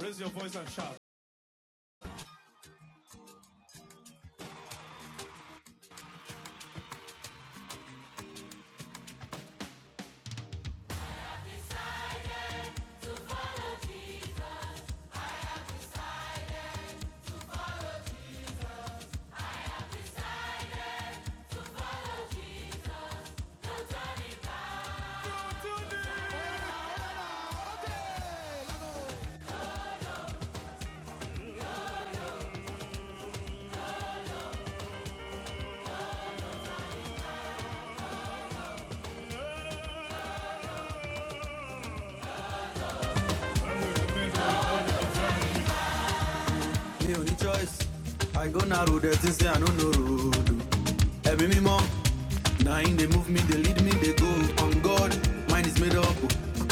Raise your voice and shout. mi ò choice i go na road ẹ ti say i no know road o. me mímọ́ na im dey move me they lead me they go on god mine is made up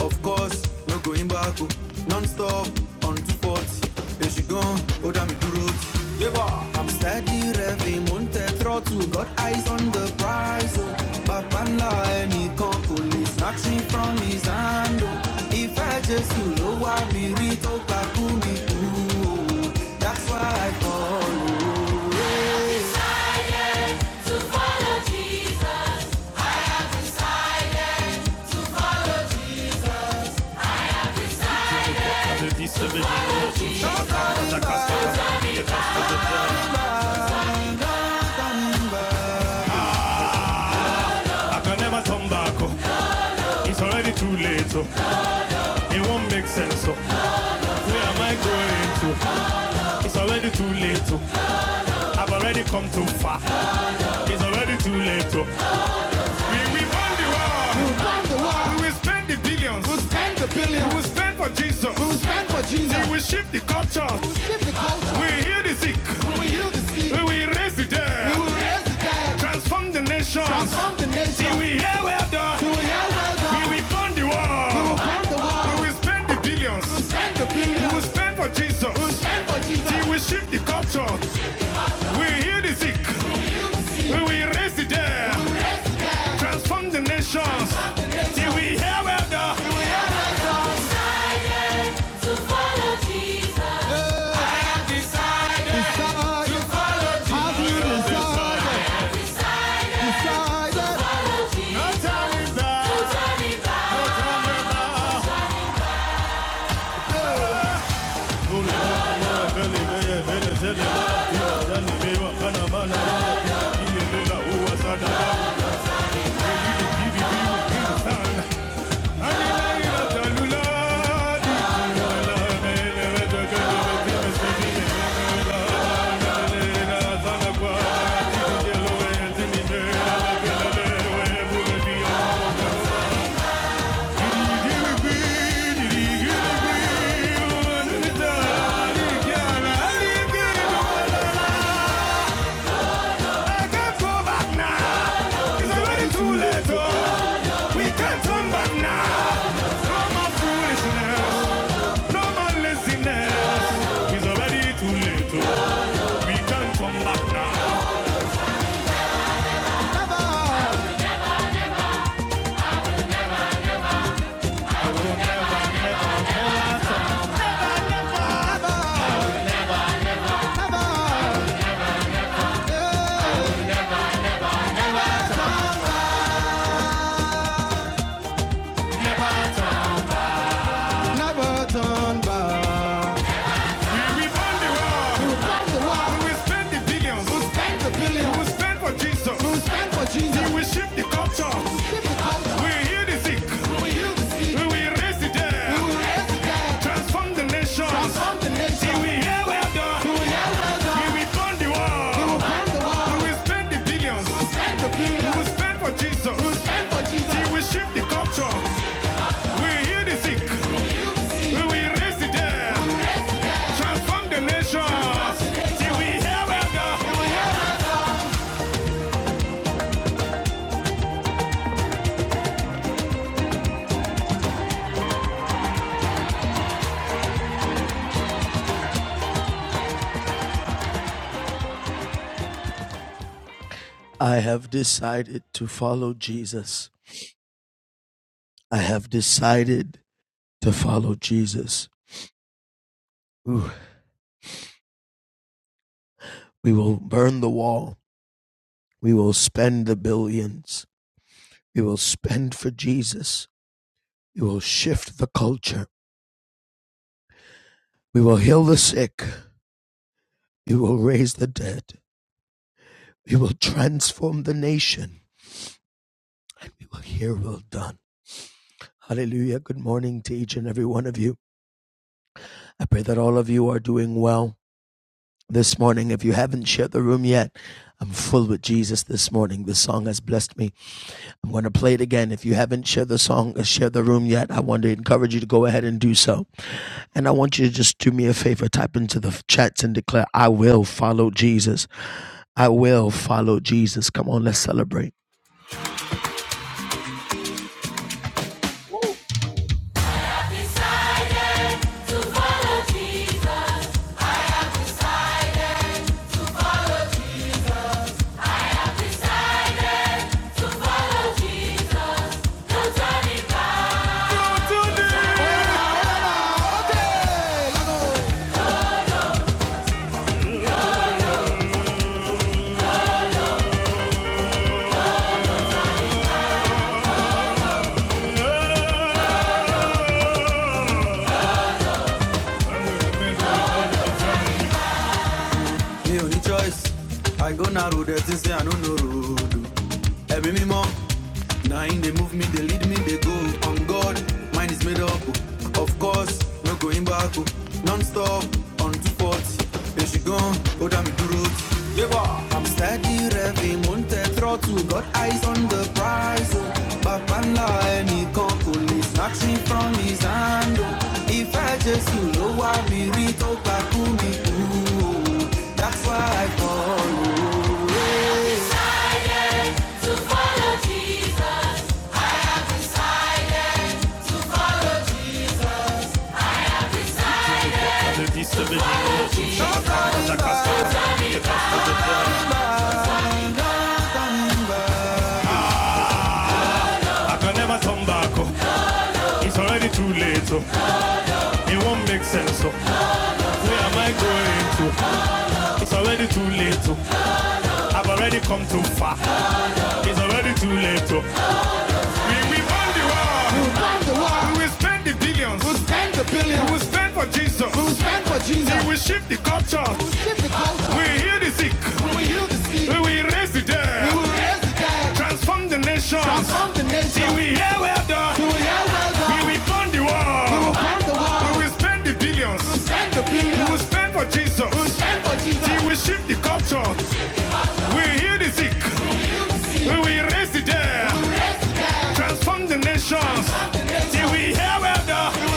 of course no going back o. non stop on two forty èṣù gan ó dá mi dúró tì. I'm steady revving, monte throttle, got eyes on the prize. Oh, Babala, any cockle is nothing from his hand. Oh, if I just you know what me, we read, talk back to me. that's why I follow. Czyli sobie I can never turn back. oh. It's already too late. oh. It won't make sense. oh. Where am I going to? It's already too late. oh. I've already come too far. It's already too late. To. We, we won the war. We spend the billions. spend for Jesus. We shift the culture. We heal the sick. We raise the dead. Transform the nation. We hear well done. We won the war. We spend the billions. spend for Jesus. We shift the culture. We heal the sick. We raise the dead. Transform the nations. Till we hear well done. No time is back. No Yeah. I can't go back now. It's already too late. oh. We can't turn back now. No more foolishness. No more laziness. It's already too late. oh. We can't turn back now. We rebuild the world. We spend the billions. We spend for Jesus. We shift the culture. We heal the sick. We will the dead. Transform the nation. We hear we are done. We return the world. We spend the billions. Stand for Jesus. We shift the culture. We heal the sick. We will raise the dead. Transform the nation. Till we have elder. I have decided to follow Jesus. I have decided to follow Jesus. Ooh. We will burn the wall. We will spend the billions. We will spend for Jesus. We will shift the culture. We will heal the sick. We will raise the dead. We will transform the nation. and we will hear well done. Hallelujah. Good morning to each and every one of you. I pray that all of you are doing well this morning. If you haven't shared the room yet, I'm full with Jesus this morning. This song has blessed me. I'm going to play it again. If you haven't shared the song, uh, shared the room yet, I want to encourage you to go ahead and do so. And I want you to just do me a favor, type into the chats and declare, I will follow Jesus. I will follow Jesus. Come on, let's celebrate. mi only choice i go narrow the thing say i no know road Every ẹ̀mí mímọ́ na him move me they lead me they go on god mine is made up oh. of course no going back non stop on two forty èsì gan ó dá mi dúró tì. yébọ̀ I'm steady revving, mounted, the throttle, got eyes on the prize. Oh. Babala, any police, nothing from his hand. Oh. If I just you know I be Rito Kakumi, ooh, oh. that's why I call. you. Don't come back, don't come back. I can never turn back. oh. It's already too late. oh. It won't make sense. oh. Where am I going to? It's already too late. oh. I've already come too far. It's already too late. To. We, we won the war. We spend the billions. We spend for Jesus. We shift the culture. We heal the sick. We raise the dead. Transform the nation. We hear well done. We won the war. We spend the billions. We spend for Jesus. We shift the culture. We heal the sick. We raise the dead. Transform the nations. Till we hear well done.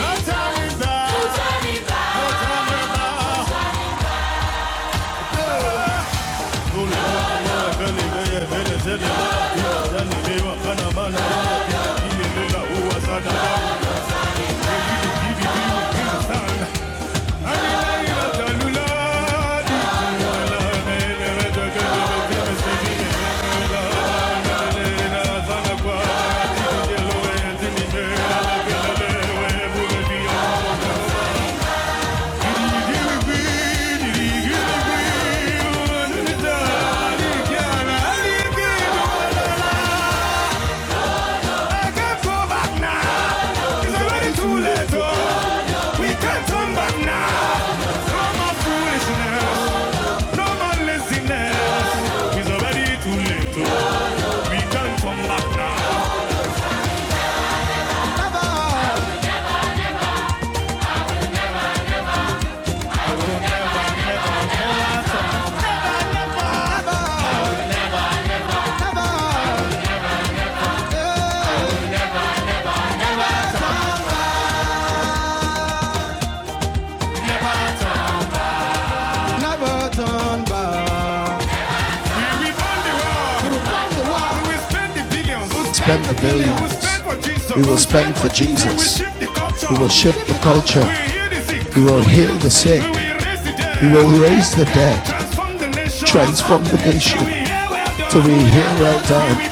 Our Yanelewa kana mana Nimelela uwa sana Nimekidu kidu kidu kidu sana Anilaila taluladi Wala mele weto kebe kebe sivine Wala mele na sana kwa Tijelewe tinimela Kelelewe bulebiyo Kidi kidi kidi kidi kidi Kidi kidi kidi kidi Kidi kidi kidi kidi I can't go back now. It's already too late. oh. We can't turn back now. No more foolishness. No more laziness. It's already too late. oh. We can't turn back now. We will burn the world. We will spend the billions. We will spend for Jesus. We will spend for Jesus. shift the culture. We will shift the culture. We will heal the sick. We will raise the dead. transform the nation. Transform we nation. hear well we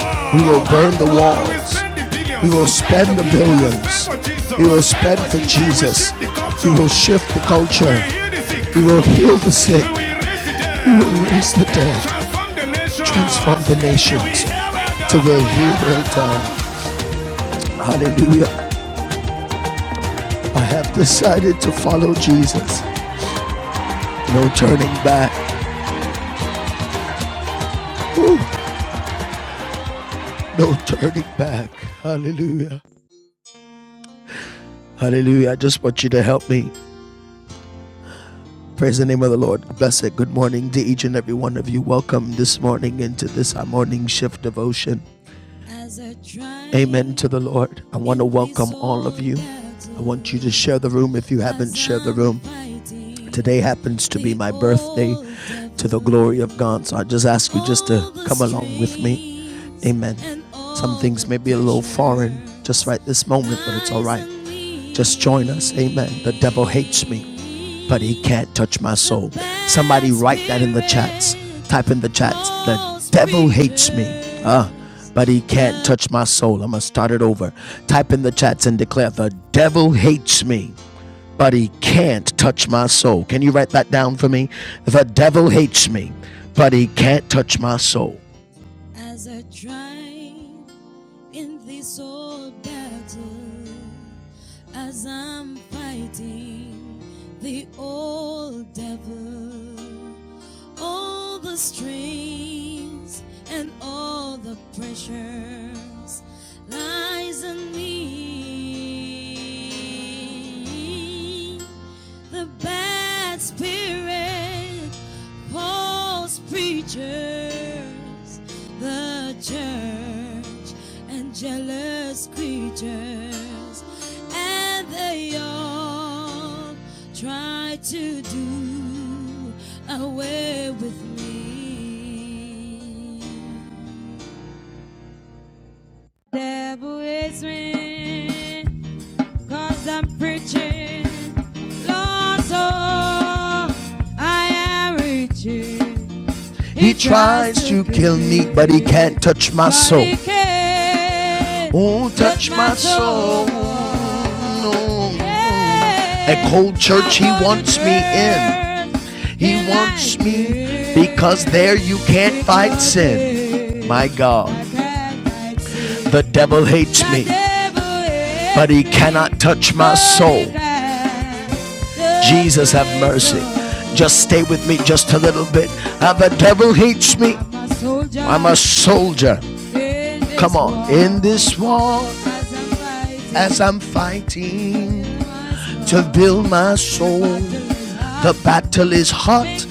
well will burn the We will burn the walls. We will spend the billions. We will spend for Jesus. We will shift the culture. We will heal the sick. We will raise the dead transform the nations to where He will turn. Hallelujah. I have decided to follow Jesus. No turning back. Woo. No turning back. Hallelujah. Hallelujah. I just want you to help me. Praise the name of the Lord. Bless it. Good morning to each and every one of you. Welcome this morning into this morning shift devotion. Amen to the Lord. I want to welcome all of you. I want you to share the room if you haven't shared the room. Today happens to be my birthday to the glory of God. So I just ask you just to come along with me. Amen. Some things may be a little foreign just right this moment, but it's all right. Just join us. Amen. The devil hates me, but he can't touch my soul. Somebody write that in the chats. Type in the chats. The devil hates me. Ah. but he can't touch my soul. I'm going to start it over. Type in the chats and declare, The devil hates me, but he can't touch my soul. Can you write that down for me? The devil hates me, but he can't touch my soul. As I triumph in this old battle, as I'm fighting the old devil, all the strings and all the pressures lies on me. The bad spirit false preachers, the church and jealous creatures, and the young try to do away with me. Devil is winning, cause I'm preaching. Lord, so I am reaching. He tries to kill me, but he can't touch my soul. Won't touch my soul. No. At Cold Church, he wants me in. He wants me because there you can't fight sin. My God, the devil hates me, but he cannot touch my soul. Jesus, have mercy. Just stay with me just a little bit. Ah, the devil hates me. I'm a soldier. Come on. In this war, as I'm fighting to build my soul, the battle is hot.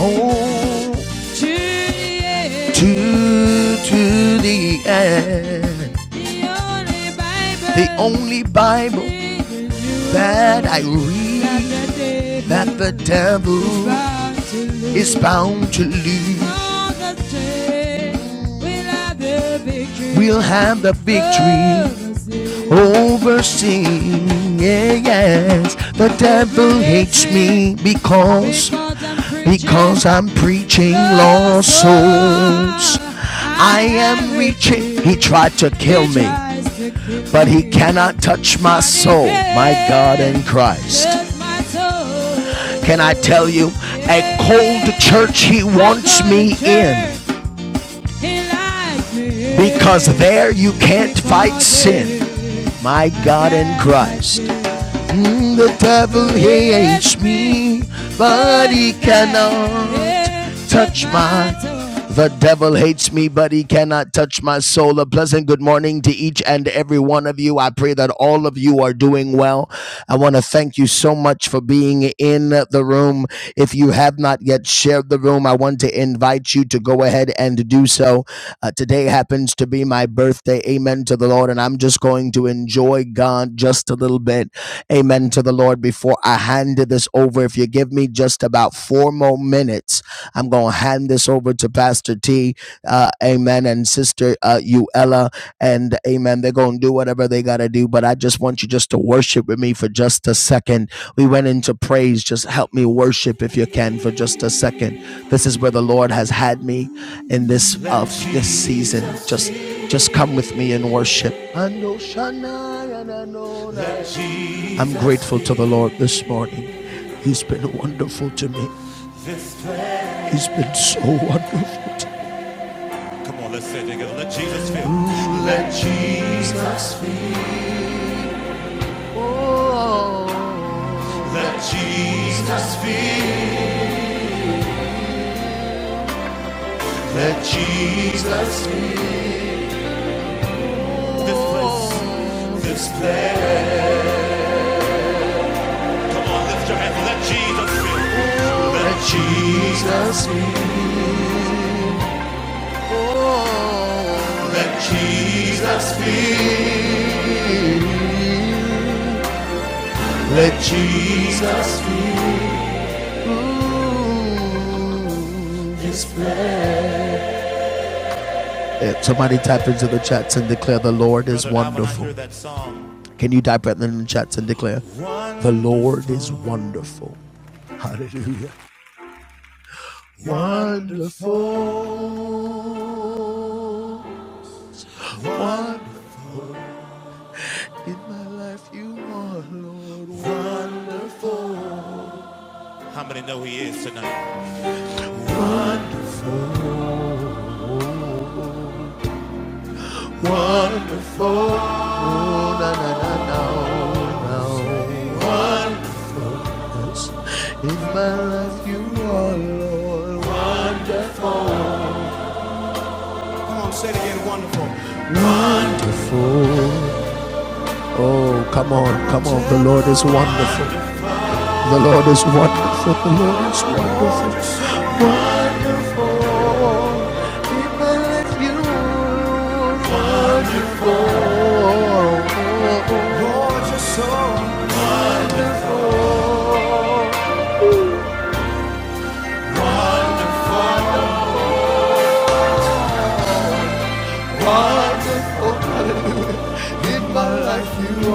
Oh, to, to the end. The only Bible that I read that the devil is bound to lose. We'll have the victory overseeing. Yeah, yes, the devil hates me because because I'm preaching lost souls. I am reaching. He tried to kill me, but he cannot touch my soul, my God and Christ. Can I tell you, a cold church he wants me in. Because there you can't fight sin. My God in Christ. Mm, the devil hates me, but he cannot touch my soul. the devil hates me, but he cannot touch my soul. A pleasant good morning to each and every one of you. I pray that all of you are doing well. I want to thank you so much for being in the room. If you have not yet shared the room, I want to invite you to go ahead and do so. Uh, today happens to be my birthday. Amen to the Lord. And I'm just going to enjoy God just a little bit amen, to the Lord before I hand this over. If you give me just about four more minutes, I'm going to hand this over to Pastor T, uh, amen, and Sister uh, Uella, and amen. They're going to do whatever they got to do, but I just want you just to worship with me for just a second. We went into praise. Just help me worship if you can for just a second. This is where the Lord has had me in this of this season. Just just come with me and worship. Let I'm grateful to the Lord this morning. He's been wonderful to me. He's been so wonderful to me. Let Jesus be. Oh. Jesus be. Let Jesus be. This place. This place. Come on, lift your hand. Let Jesus fill. Let Jesus be. Oh. Let Jesus be. Let Jesus be. Yeah, somebody type into the chats and declare the Lord is wonderful. Can you type it in the chats and declare the Lord is wonderful, wonderful? Wonderful wonderful, in my life, you are Lord. wonderful, Wonderful, wonderful. Na na na na. oh, na. In my life, you are Lord. wonderful. Wonderful. Oh, come on, come on. The Lord is wonderful. The Lord is wonderful. The Lord is wonderful. We believe you. Wonderful. In my life, you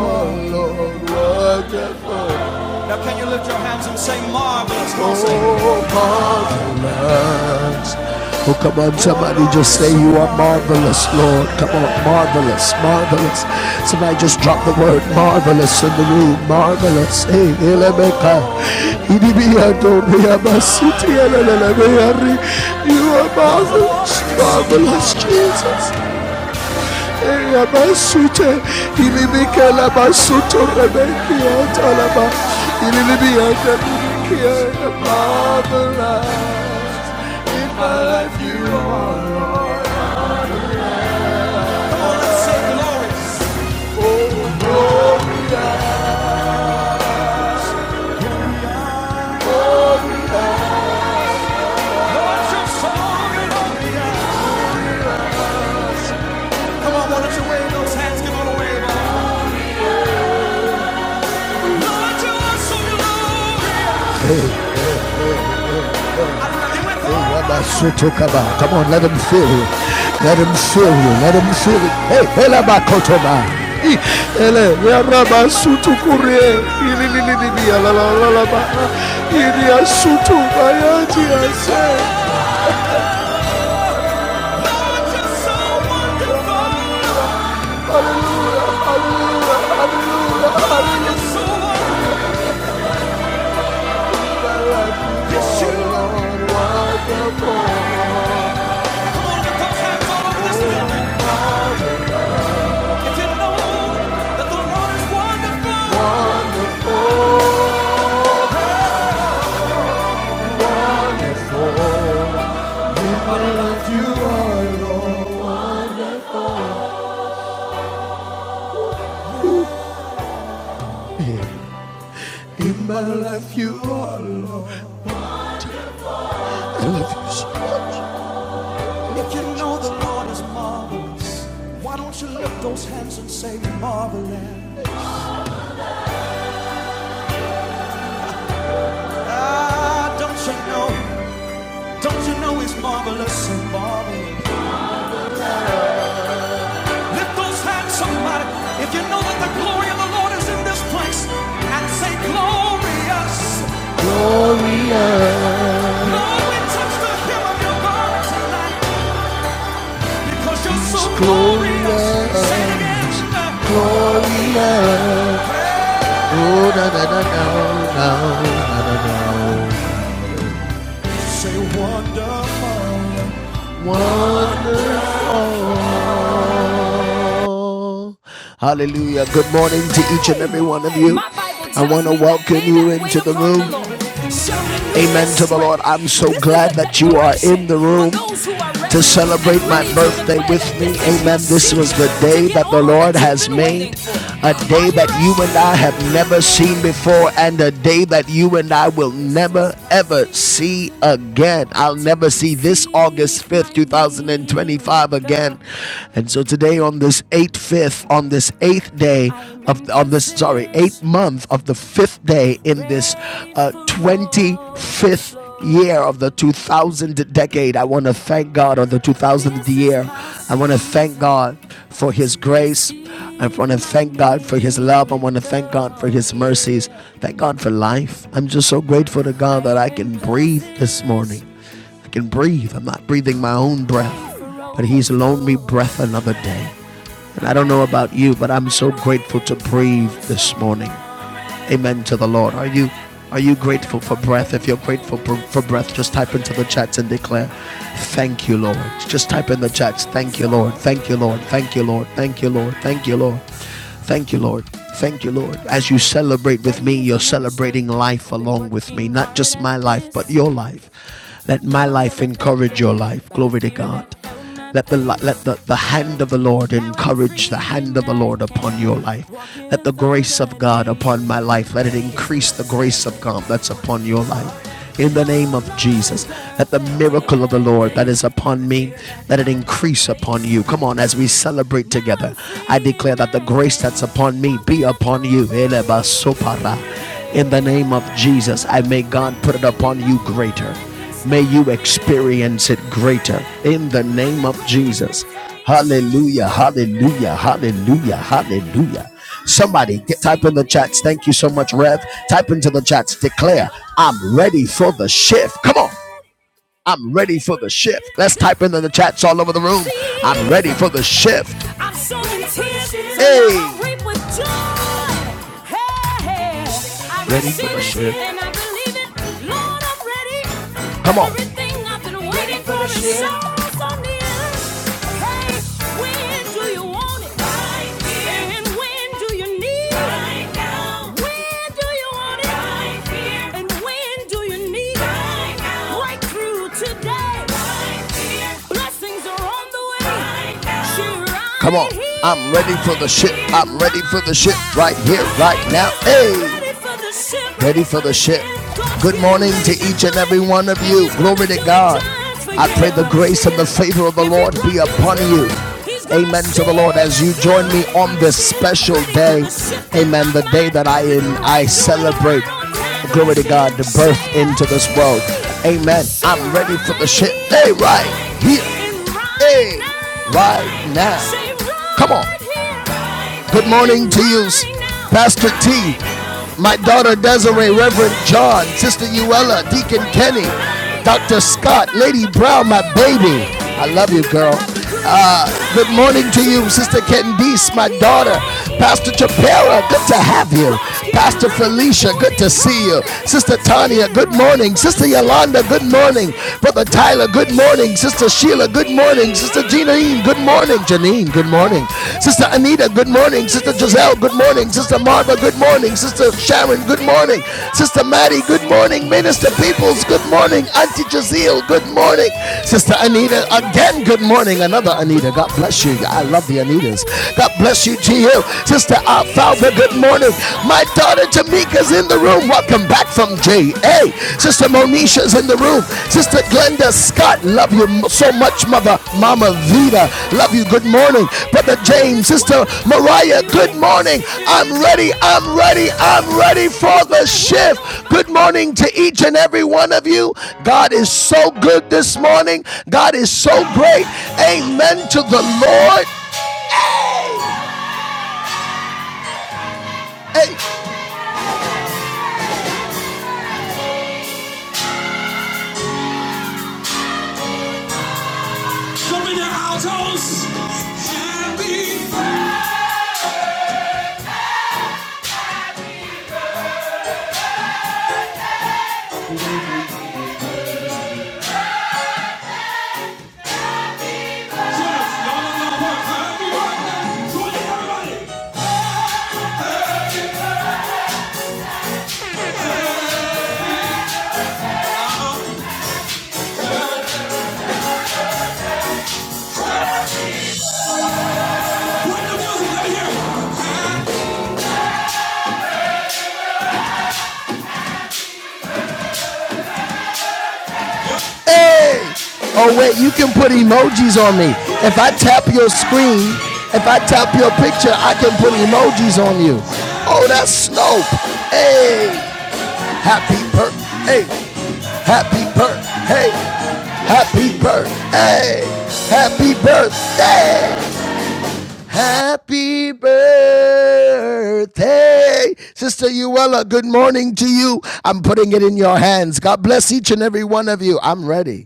marvelous. Oh, come on, somebody just say you are marvelous, Lord. Come on, marvelous, marvelous. Somebody just drop the word marvelous in the room. Marvelous. Hey, Elemeka. You are marvelous, marvelous, Jesus. Rabasute, ilibika labasuto rebekia talaba, ilibia the marvelous. In my life you are. Hey, Rabasuto kaba. Come on, let him feel you. Let him feel you. Let him feel it. Hey, Helabakotoba. Ele, Rabasuto kurie, ililibia la la la la ba. Ilia sutu bayaji, I say. I love you all. If you know the Lord is marvelous, why don't you lift those hands and say marvelous? Ah, don't you know? Don't you know He's marvelous and marvelous? Lift those hands, somebody. If you know that the glory of the Lord is in this place, and say glorious. Lord, we touch the hem of your garment tonight because you're so glorious. glorious. Say it again. Gloria, oh na na na na na na na na Wonderful. Hallelujah. Good morning to each and every one of you. I want to welcome you into the room. Amen to the Lord. I'm so glad that you are in the room to celebrate my birthday with me. Amen. This was the day that the Lord has made a day that you and I have never seen before, and a day that you and I will never ever see again. I'll never see this August 5th, 2025 again. And so today, on this 8th, 5th, on this 8th day of, on this, sorry, 8th month of the 5th day in this uh, 25th year of the 2000 decade. I want to thank God on the 2000th year. I want to thank God for His grace. I want to thank God for His love. I want to thank God for His mercies. Thank God for life. I'm just so grateful to God that I can breathe this morning. I can breathe. I'm not breathing my own breath, but He's loaned me breath another day. And I don't know about you, but I'm so grateful to breathe this morning. Amen to the Lord. Are you are you grateful for breath? If you're grateful for, breath, just type into the chats and declare, Thank you, Lord. Just type in the chats, Thank you, Lord. Thank you, Lord. Thank you, Lord. Thank you, Lord. Thank you, Lord. Thank you, Lord. Thank you, Lord. As you celebrate with me, you're celebrating life along with me. Not just my life, but your life. Let my life encourage your life. Glory to God. Let the let the, the hand of the Lord encourage the hand of the Lord upon your life. Let the grace of God upon my life. Let it increase the grace of God that's upon your life. In the name of Jesus, let the miracle of the Lord that is upon me, let it increase upon you. Come on, as we celebrate together, I declare that the grace that's upon me be upon you. Elebasopara. In the name of Jesus, I may God put it upon you greater. May you experience it greater in the name of Jesus. Hallelujah, hallelujah, hallelujah, hallelujah. Somebody get, type in the chats. Thank you so much, Rev. Type into the chats. Declare, I'm ready for the shift. Come on. I'm ready for the shift. Let's type into the chats all over the room. I'm ready for the shift. I'm sowing tears, hey. Hey, hey. ready for the shift. Come on. Everything I've been waiting for is yours on the end. Hey, when do you want it? Right here. And when do you need it? Right now. When do you want it? Right here. And when do you need it? Right now. Right through today. Right here. Blessings are on the way. Right now. She right Come on. here. I'm ready for the shit. I'm ready for the shit right here, right now. Hey ready for the ship. Good morning to each and every one of you. Glory to God. I pray the grace and the favor of the Lord be upon you. Amen to the Lord as you join me on this special day. Amen. The day that I am, I celebrate. Glory to God, the birth into this world. Amen. I'm ready for the ship. Hey, right here. Hey, right now. Come on. Good morning to you, Pastor T. My daughter Desiree, Reverend John, Sister Uella, Deacon Kenny, Dr. Scott, Lady Brown, my baby. I love you, girl. Good morning to you, Sister Candice, my daughter. Pastor Chapera, good to have you. Pastor Felicia, good to see you. Sister Tanya, good morning. Sister Yolanda, good morning. Brother Tyler, good morning. Sister Sheila, good morning. Sister Jeanine, good morning. Janine, good morning. Sister Anita, good morning. Sister Giselle, good morning. Sister Marva, good morning morning. Sister Sharon, good morning. Sister Maddie, good morning. Minister Peoples, good morning. Auntie Jazeel, good morning. Sister Anita, again, good morning. Another Anita, God bless you. I love the Anitas. God bless you, G. L. Sister Alfalfa, good morning. My daughter Tamika's in the room. Welcome back from JA. Sister Monisha's in the room. Sister Glenda Scott, love you so much, Mother Mama Vida, Love you. Good morning. Brother James, Sister Mariah, good morning. I'm ready. I'm ready. I'm ready for the shift. Good morning to each and every one of you. God is so good this morning. God is so great. Amen to the Lord. Hey. Show me the altos. Happy birthday. Y'all know that Happy birthday. everybody. Put the music right here. Hey! Oh wait, you can put emojis on me. If I tap your screen, if I tap your picture, I can put emojis on you. Oh, that's Snope. Hey, happy birth. Hey, happy birth. Hey, happy birth. Hey, happy birthday. Happy birthday. Sister Uella, good morning to you. I'm putting it in your hands. God bless each and every one of you. I'm ready.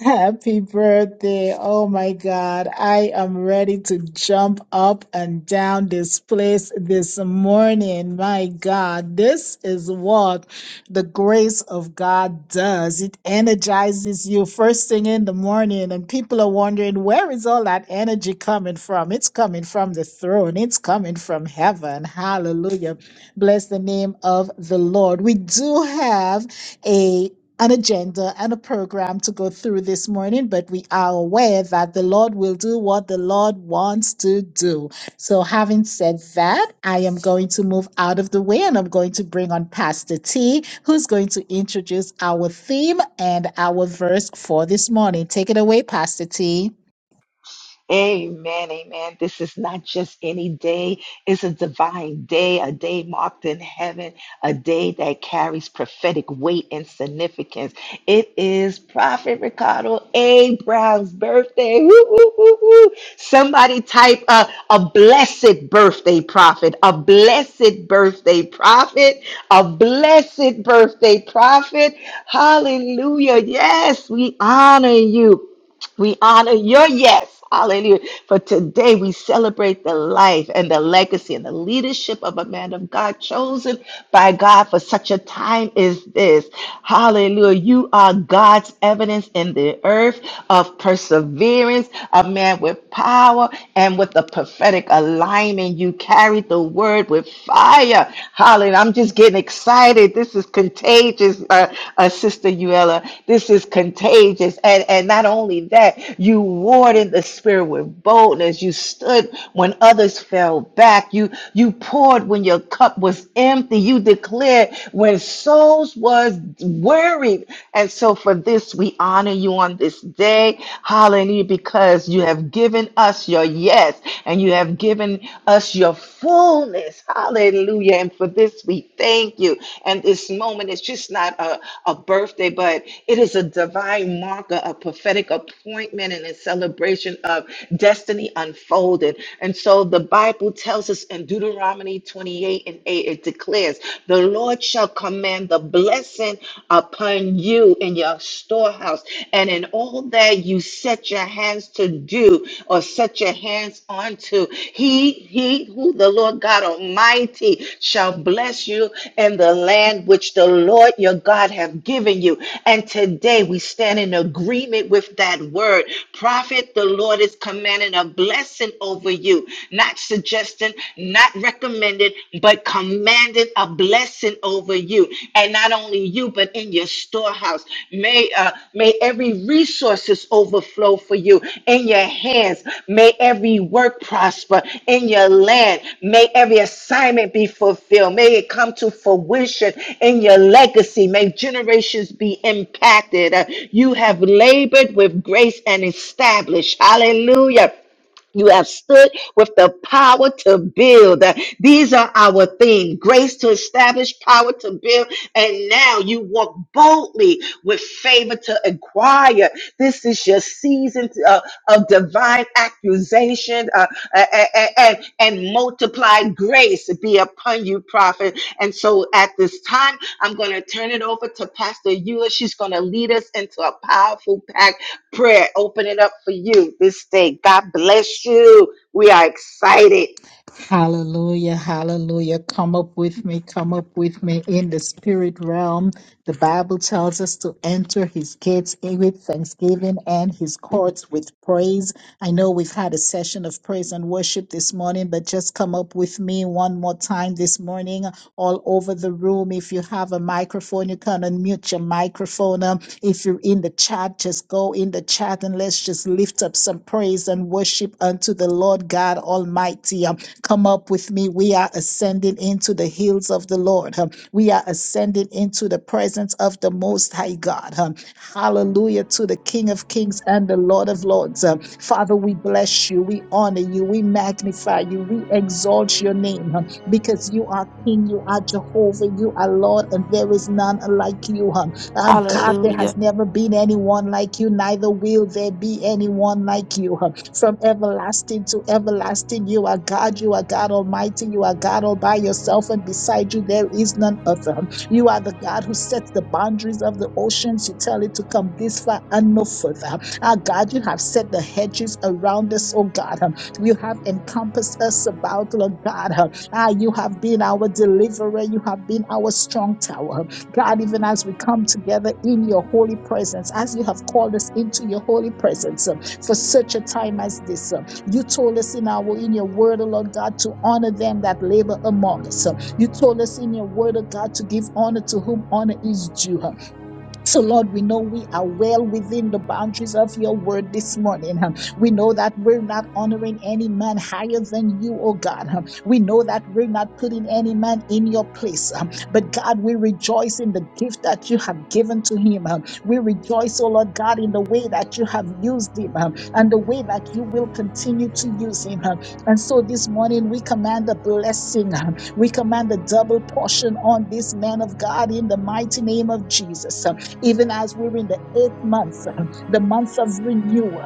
Happy birthday. Oh my God. I am ready to jump up and down this place this morning. My God, this is what the grace of God does. It energizes you first thing in the morning, and people are wondering, where is all that energy coming from? It's coming from the throne, it's coming from heaven. Hallelujah. Bless the name of the Lord. We do have an agenda and a program to go through this morning, but we are aware that the Lord will do what the Lord wants to do. So, having said that, I am going to move out of the way and I'm going to bring on Pastor T, who's going to introduce our theme and our verse for this morning. Take it away, Pastor T. Amen, amen. This is not just any day, it's a divine day, a day marked in heaven, a day that carries prophetic weight and significance. It is Prophet Ricardo A. Brown's birthday. Woo, woo, woo, woo. Somebody type a a blessed birthday, Prophet, a blessed birthday, Prophet, a blessed birthday, Prophet. Hallelujah. Yes, we honor you. We honor your yes. Hallelujah. For today we celebrate the life and the legacy and the leadership of a man of God chosen by God for such a time as this. Hallelujah. You are God's evidence in the earth of perseverance, a man with power and with a prophetic alignment. You carried the word with fire. Hallelujah. I'm just getting excited. This is contagious, uh, uh, Sister Uella. This is contagious. And, and not only that, you warred in the spirit with boldness. You stood when others fell back. You, you poured when your cup was empty. You declared when souls was worried. And so for this, we honor you on this day. Hallelujah, because you have given us your yes and you have have given us your fullness. Hallelujah. And for this, we thank you. And this moment is just not a, a birthday, but it is a divine marker, a prophetic appointment, and a celebration of destiny unfolded. And so the Bible tells us in Deuteronomy 28 and 8, it declares, The Lord shall command the blessing upon you in your storehouse house. And in all that you set your hands to do or set your hands onto, he, he who the Lord God Almighty shall bless you in the land which the Lord your God have given you. And today we stand in agreement with that word. Prophet, the Lord is commanding a blessing over you, not suggesting, not recommended, but commanding it a blessing over you, and not only you, but in your storehouse. May uh, may every resources overflow for you in your hands. May every work prosper in your land. May every assignment be fulfilled. May it come to fruition in your legacy. May generations be impacted. Uh, you have labored with grace and established. Hallelujah. You have stood with the power to build. These are our themes: grace to establish, power to build. And now you walk boldly with favor to inquire. This is your season uh, of divine accusation uh, and, and, and multiplied grace be upon you, prophet. And so at this time, I'm going to turn it over to Pastor Eula. She's going to lead us into a powerful pack prayer. Open it up for you this day. God bless you. We are excited. Hallelujah, hallelujah. Come up with me, come up with me in the spirit realm. The Bible tells us to enter his gates with thanksgiving and his courts with praise. I know we've had a session of praise and worship this morning, but just come up with me one more time this morning, all over the room. If you have a microphone, you can unmute your microphone. Um, If you're in the chat, just go in the chat and let's just lift up some praise and worship unto the Lord God Almighty. Um, Come up with me. We are ascending into the hills of the Lord. Um, We are ascending into the presence of the Most High God. Um, Hallelujah to the King of Kings and the Lord of Lords. Um, Father, we bless you, we honor you, we magnify you, we exalt your name um, because you are King, you are Jehovah, you are Lord, and there is none like you. um. Our God, there has Hallelujah. never been anyone like you, neither will there be anyone like you. From everlasting to everlasting, you are God, you are God Almighty, you are God all by yourself, and beside you there is none other. You are the God who sets the boundaries of the oceans. You tell it to come this far and no further. Our God, you have set the hedges around us, oh God. You have encompassed us about, Lord God. Ah, you have been our deliverer. You have been our strong tower. God, even as we come together in your holy presence, as you have called us into your holy presence um, for such a time as this. um, You told us in our in your word, O Lord God, to honor them that labor among us. um, You told us in your word, O God, to give honor to whom honor is due. huh, so, Lord, we know we are well within the boundaries of your word this morning. huh. We know that we're not honoring any man higher than you, oh God. huh. We know that we're not putting any man in your place. huh. But, God, we rejoice in the gift that you have given to him. huh. We rejoice, oh Lord God, in the way that you have used him huh, and the way that you will continue to use him. huh. And so this morning we command a blessing. huh. We command a double portion on this man of God in the mighty name of Jesus even as we're in the eighth month, uh, the month of renewal.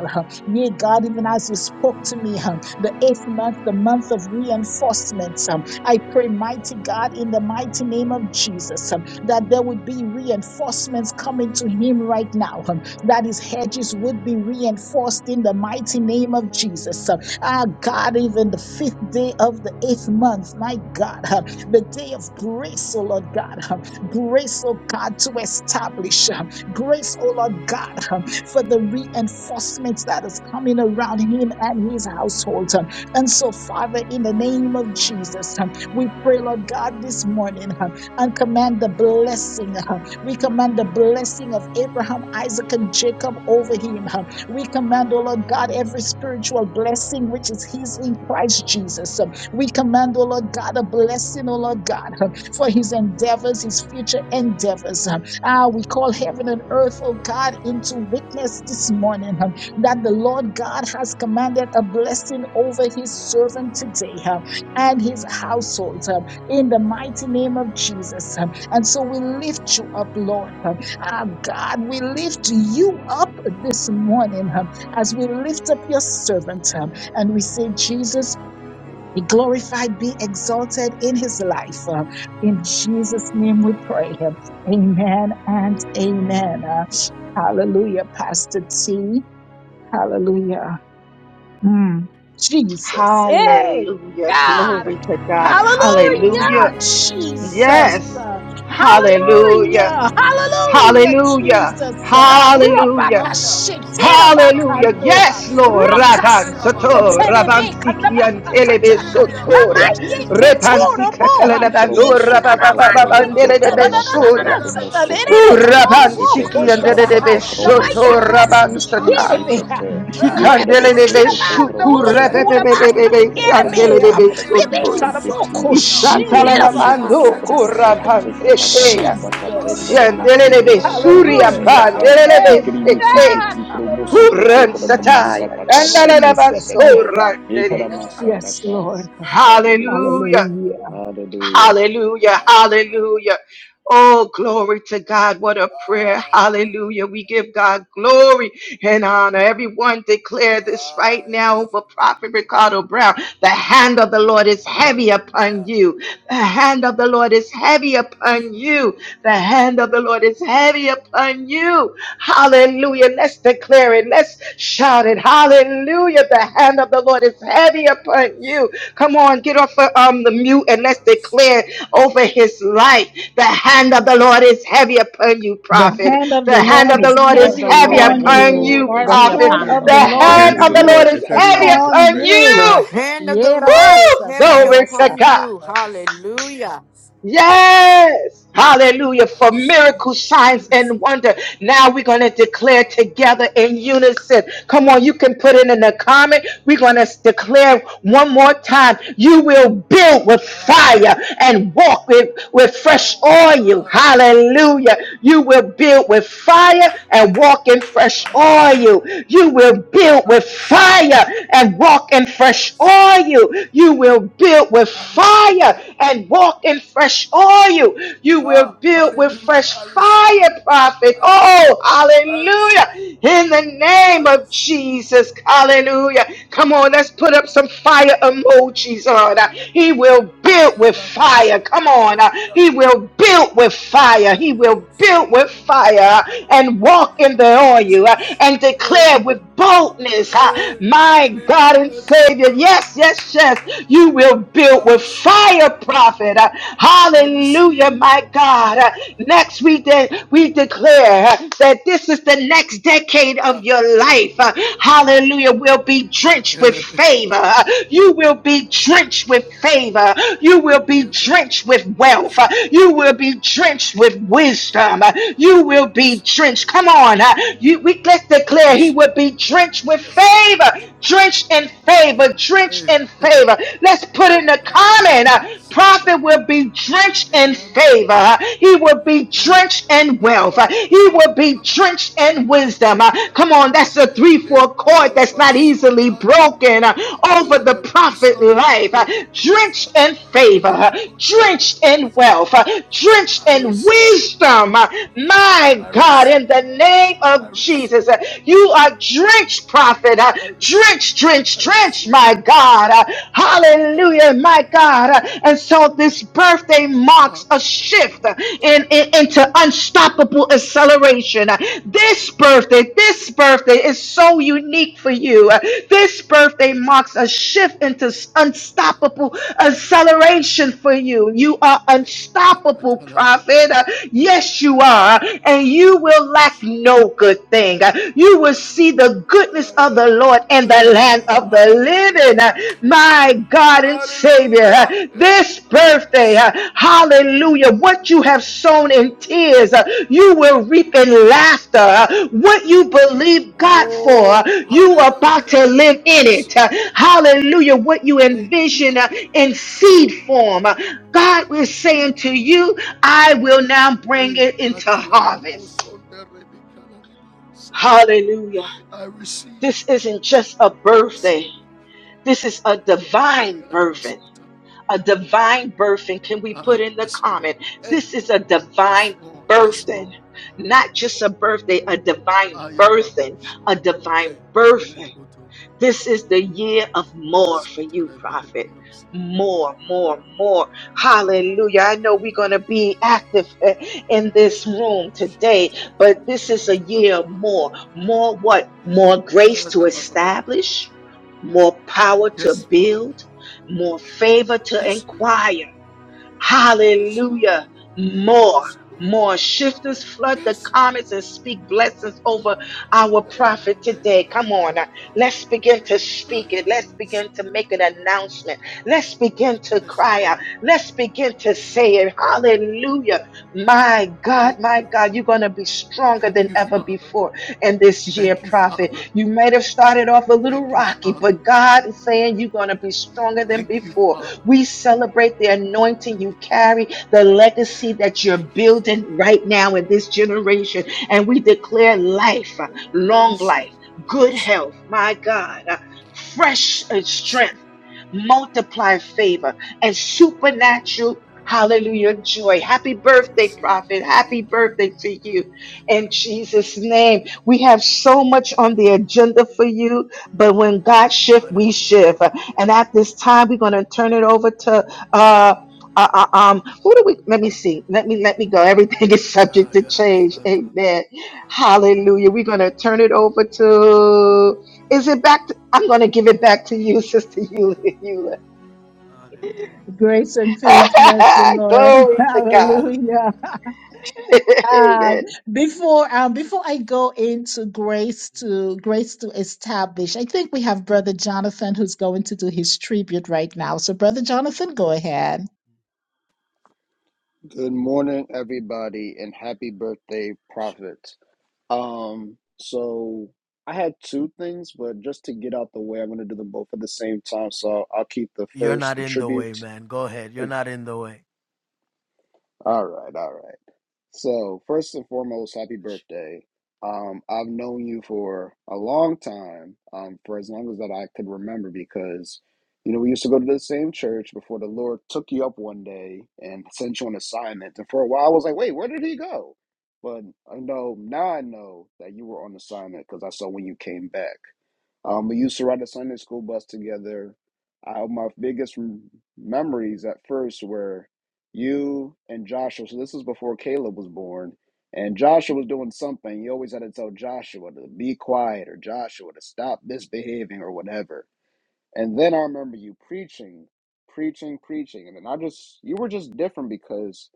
Yea, God, even as you spoke to me, uh, the eighth month, the month of reinforcement. uh, I pray, mighty God, in the mighty name of Jesus, uh, that there would be reinforcements coming to him right now, uh, that his hedges would be reinforced in the mighty name of Jesus. uh, Ah, God, even the fifth day of the eighth month, my God, uh, the day of grace, oh Lord God, uh, grace, oh God, to establish, uh, grace, oh Lord God, uh, for the reinforcements that is coming around him and his household. uh. And so, Father, in the name of Jesus, uh, we pray, Lord God, this morning uh, and command the blessing. uh, We command the blessing of Abraham, Isaac, and Jacob over him. huh. We command, O Lord God, every spiritual blessing which is His in Christ Jesus. Um, We command, O Lord God, a blessing, O Lord God, um, for His endeavors, His future endeavors. Um, Ah, we call heaven and earth, O God, into witness this morning um, that the Lord God has commanded a blessing over His servant today um, and His household um, in the mighty name of Jesus. um. And so we lift you up, Lord. huh, Ah, God, we lift you up this morning um, as we lift up your servant um, and we say, Jesus, be glorified, be exalted in his life. Uh, in Jesus' name we pray. um, Amen and amen. Uh, hallelujah, Pastor T. Hallelujah. Mm. Jesus. Hey, Hallelujah. God. Glory to God. Hallelujah, Hallelujah. Jesus. Yes. Uh, Hallelujah. Hallelujah. Hallelujah, Hallelujah. Jesus. Uh, Hallelujah. Rabaka Aya, shetera Satana Hallelujah. bakando. Yes, Bakutu, Lord. Roka Ravan Era Baba Soto. siketere Ravan beka Bakutu, Sikian nababakata. Telebe Iria Baba Sotoria. Namaye Kusata, Repan ketoro boha. Ere, Ika Sikatelebandura. Iribia Mikromosokoto naramaye kremete Satana keta Baha, Rabababandelebe karamata Soria. nananana Ela satanere karakomosokoto Bebebebebebebebe, katoro Uraban boko siki krikisekete Iria andele shabaha. de karakata Sata, Namaya soto, Glory, kromosokoto raban kasikere satai. Hallelujah, beha. krikimesekete Hey, Ikandele de Rebekira mikrekesekete Hallelujah, bando beshuku Thank okura kromosokoto you, basa Father, krakete rebebebebebe Hey, sandele kerebea. de karakamata besoto. Iribia Rebeka karakimesekete raboko Satoria, Ishakala shira la Iribia mikromosokoto mando bahakata saya. kuraban krakasekete Semikatia, karakata sekeya. matsakate Jesus. Jandele de Hallelujah, karemesekete Glory, besuri Hey, Hallelujah. karomasakata ampandele de Satana Hey Baha. beseke. God. ikrimesekete Glory, Hallelujah. kromosokoto Uran sataya. karakamasakata Andala la Jesus, glory, my karakesekete glory. basura. God. Aya, Yes, ikaramasakata Lord. era Hallelujah. babusa Hallelujah. Hallelujah. talabana. Hallelujah. Hallelujah. Aya, rada. Hallelujah. Oh, glory to God. What a prayer. Aya, Hallelujah. We rada. give God glory and honor. Everyone declare this right Aya, now over sata. Prophet Ricardo Brown. The hand of the Lord is heavy upon you. The hand of the Lord is heavy upon you. The hand of the Lord is heavy upon you. Hallelujah. Let's declare it. Let's shout it. Oh, Hallelujah. The hand of the Lord is heavy oh, I upon you. receive, Come on, get off of um, the mute and I let's receive, declare over his life. The hand I of the Lord receive. is heavy upon you, The prophet. hand of the The The hand Lord of the is Lord hand is The of heavy the heavy hand Lord of the upon Aya, is upon you. Lord you, The is heavy rababusa. prophet. hand upon heavy of The the you. The Lord upon hand hand of is of the the Lord Lord you. heavy is is heavy heavy on you, upon upon prophet. Era you. The you. babusa. hand of the Lord Yerabasa, is Woo! heavy Glory to upon God. you. I receive, I receive, I Hallelujah. receive. Yes. Hallelujah. For miracle signs and wonder. Now we're going to declare together in unison. Come on, you can put it in the comment. We're going to declare one more time. You will build with fire and walk with, with fresh Oh, oil. Hallelujah. You will build with fire and walk in fresh oil. You will build I with receive, fire and walk in I fresh receive, oil. You will build with I receive. I fire receive. and walk in fresh oil. You Ah, will build with hallelujah. fresh I fire, receive. prophet. I Oh, receive. I receive. hallelujah. In the I name of receive. Jesus, hallelujah. Come on, let's put up some fire emojis on. Uh, He Hey, will I build with am a fire. Come on. uh, Masotoria. He will build with fire. He will build with fire and walk in the oil uh, Jesus. and Hey, declare with boldness, uh, hey. my God and Savior. Yes, yes, yes. You will build with fire, prophet. Uh, Hallelujah, my God. Uh, Next we de- we declare uh, that this is the next decade of your life. Uh, Hallelujah, will be drenched with favor. Uh, You will be drenched with favor. You will be drenched with wealth. Uh, You will be drenched with wisdom drenched You will be drenched. Come on. uh, You, we, let's declare he will be drenched with favor. Drenched in favor. Drenched in favor. Let's put in the comment. uh, Prophet will be drenched in favor. uh, He will be drenched in wealth. uh, He will be drenched in wisdom. uh, Come on. That's a three-four chord that's not easily broken uh, over the prophet life. uh, Drenched in favor. uh, Drenched in wealth. uh, drenched in wisdom. Uh, My God, in the name of Jesus, uh, you are drenched, prophet. Uh, Drenched, drenched, drenched, my God. Uh, Hallelujah, my God. Uh, And so this birthday marks a shift uh, in, in- into unstoppable acceleration. Uh, This birthday, this birthday is so unique for you. Uh, This birthday marks a shift into unstoppable acceleration for you for you. You are Hey, unstoppable, Atatalabas. prophet. Uh, Yes, you are. And you will lack Itokotolamabashit. no good thing. Uh, You will see the goodness of the Ayala. Lord and the land Hallelujah. of the Hallelujah. living. Uh, My God and Savior, uh, Hallelujah. Hey, this birthday, uh, Alabaso. hallelujah, what you have sown in tears, uh, you will reap in laughter. Uh, What you believe God for, uh, Oh, you are about hallelujah. to live in Yes, it. Lord. Uh, Hallelujah, what you Thank you, envision uh, Father. in seed form. uh, God, we saying to you, I will now bring it into harvest. Hallelujah. This isn't just a birthday, this is a divine birthing. A divine birthing. Can we put in the comment? This is a divine birthing. Not just a birthday, a divine birthing, a divine birthing. This is the year of more for you, prophet. More, more, more. Hallelujah. I know we're going to be active eh, in this room today, but this is a year of more. More what? More grace to establish, more power to build, more favor to inquire. Hallelujah. More, more. Shifters flood the comments and speak blessings over our prophet today. Come on. uh, Let's begin to speak it. Let's begin to make an announcement. Let's begin to cry out. Let's begin to say it. Hallelujah. My God, my God, you're going to be stronger than ever before in this year, prophet. You might have started off a little rocky, but God is saying you're going to be stronger than before. We celebrate the anointing you carry, the legacy that you're building right now in this generation. And we declare life, uh, long life, good health, my God, uh, fresh uh, strength multiply favor and supernatural hallelujah joy. Happy birthday, prophet. Happy birthday to you. In Jesus' name, we have so much on the agenda for you, but when God shifts, we shift. And at this time, we're going to turn it over to, uh, uh, uh, um, who do we? Let me see. Let me let me go. Everything is subject to change. Amen. Hallelujah. We're gonna turn it over to. Is it back? I'm going to give it back to you, Sister Eula. Eula. Grace and peace, bless the Lord. Glory to God. Hallelujah. Um, Amen. before um, before I go into grace to grace to establish, I think we have Brother Jonathan who's going to do his tribute right now. So, Brother Jonathan, go ahead. Good morning, everybody, and happy birthday, Prophet. Um, so I had two things, but just to get out the way, I'm gonna do them both at the same time. So I'll keep the first, the tribute. All right, all right. So, first and foremost, happy birthday. Um, I've known you for a long time, um, for as long as that I could remember, because, you know, we used to go to the same church before the Lord took you up one day and sent you on assignment. And for a while, I was like, wait, where did he go? But I know now I know that you were on assignment because I saw when you came back. Um, we used to ride the Sunday school bus together. I, my biggest m- memories at first were you and Joshua. So this was before Caleb was born, and Joshua was doing something. You always had to tell Joshua to be quiet or Joshua to stop misbehaving or whatever. And then I remember you preaching, preaching, preaching, and then I just you were just different because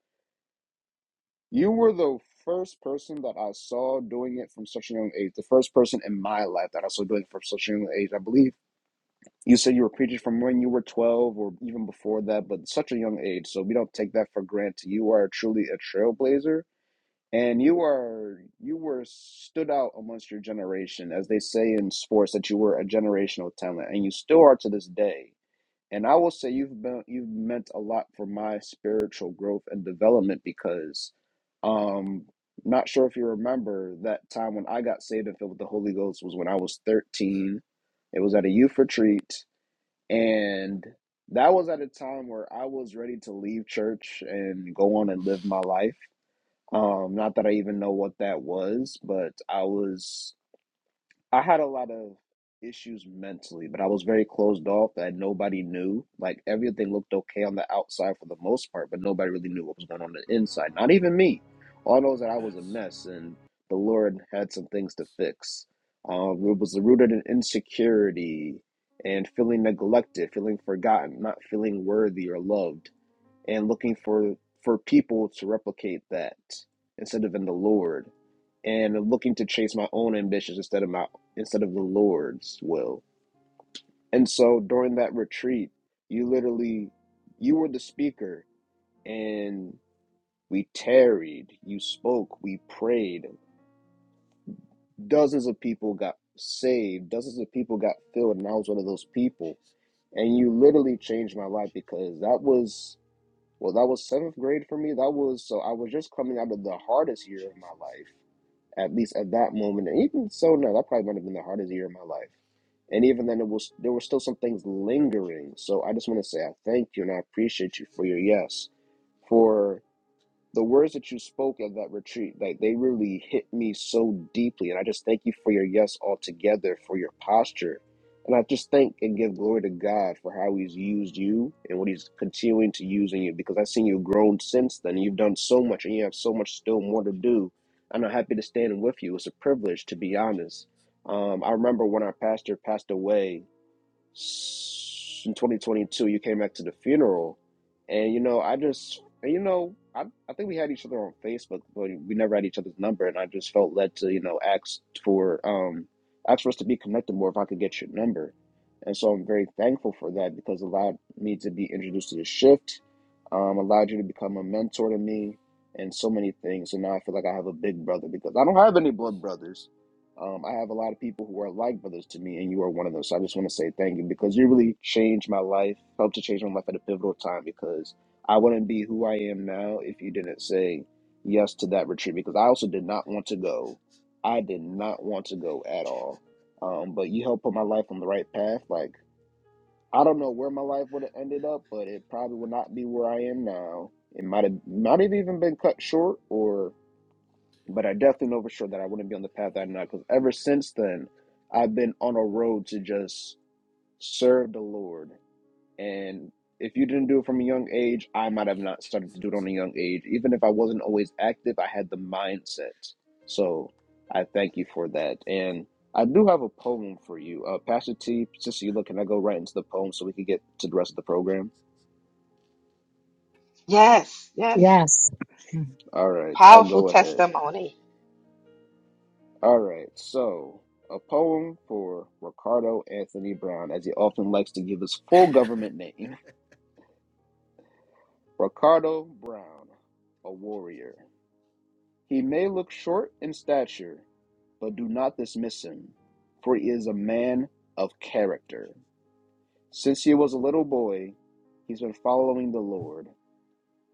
you were the first person that I saw doing it from such a young age. The first person in my life that I saw doing it from such a young age. I believe you said you were preaching from when you were 12 or even before that, but such a young age, so we don't take that for granted. You are truly a trailblazer, and you are you were stood out amongst your generation, as they say in sports that you were a generational talent, and you still are to this day. And I will say you've been you've meant a lot for my spiritual growth and development because um not sure if you remember that time when I got saved and filled with the Holy Ghost was when I was 13. It was at a youth retreat and that was at a time where I was ready to leave church and go on and live my life. Um, not that I even know what that was, but I was I had a lot of issues mentally, but I was very closed off that nobody knew. Like everything looked okay on the outside for the most part, but nobody really knew what was going on, the inside. Not even me. All I knows that I was a mess and the Lord had some things to fix. Um, it was rooted in insecurity and feeling neglected, feeling forgotten, not feeling worthy or loved and looking for for people to replicate that instead of in the Lord, and looking to chase my own ambitions instead of my instead of the Lord's will. And so during that retreat, you literally you were the speaker, and we tarried, you spoke, we prayed. Dozens of people got saved, dozens of people got filled, and I was one of those people. And you literally changed my life because that was Well, that was seventh grade for me. That was so I was just coming out of the hardest year of my life, at least at that moment. And even so, no, that probably might have been the hardest year of my life. And even then, it was there were still some things lingering. So I just want to say I thank you and I appreciate you for your yes, for the words that you spoke at that retreat, like they really hit me so deeply. And I just thank you for your yes altogether, for your posture. And I just thank and give glory to God for how He's used you and what He's continuing to use in you because I've seen you grown since then. You've done so much and you have so much still more to do. And I'm happy to stand with you. It's a privilege, to be honest. Um, I remember when our pastor passed away, in 2022 you came back to the funeral and you know i just you know I, I think we had each other on facebook but we never had each other's number and i just felt led to you know ask for um ask for us to be connected more if i could get your number and so i'm very thankful for that because it allowed me to be introduced to the shift um allowed you to become a mentor to me and so many things and now i feel like i have a big brother because i don't have any blood brothers um, I have a lot of people who are like brothers to me, and you are one of those. So I just want to say thank you because you really changed my life, helped to change my life at a pivotal time because I wouldn't be who I am now if you didn't say yes to that retreat because I also did not want to go. I did not want to go at all. Um, but you helped put my life on the right path. Like, I don't know where my life would have ended up, but it probably would not be where I am now. It might have might have even been cut short or but I definitely know for sure that I wouldn't be on the path that I'm not. Because ever since then, I've been on a road to just serve the Lord. And if you didn't do it from a young age, I might have not started to do it on a young age. Even if I wasn't always active, I had the mindset. So I thank you for that. And I do have a poem for you, uh, Pastor T. Since you look, can I go right into the poem so we can get to the rest of the program? Yes, yes. Yes. All right, I'll Powerful go ahead. testimony. All right, so a poem for Ricardo Anthony Brown, as he often likes to give his full government name. Ricardo Brown, a warrior. He may look short in stature, but do not dismiss him, for he is a man of character. Since he was a little boy, he's been following the Lord.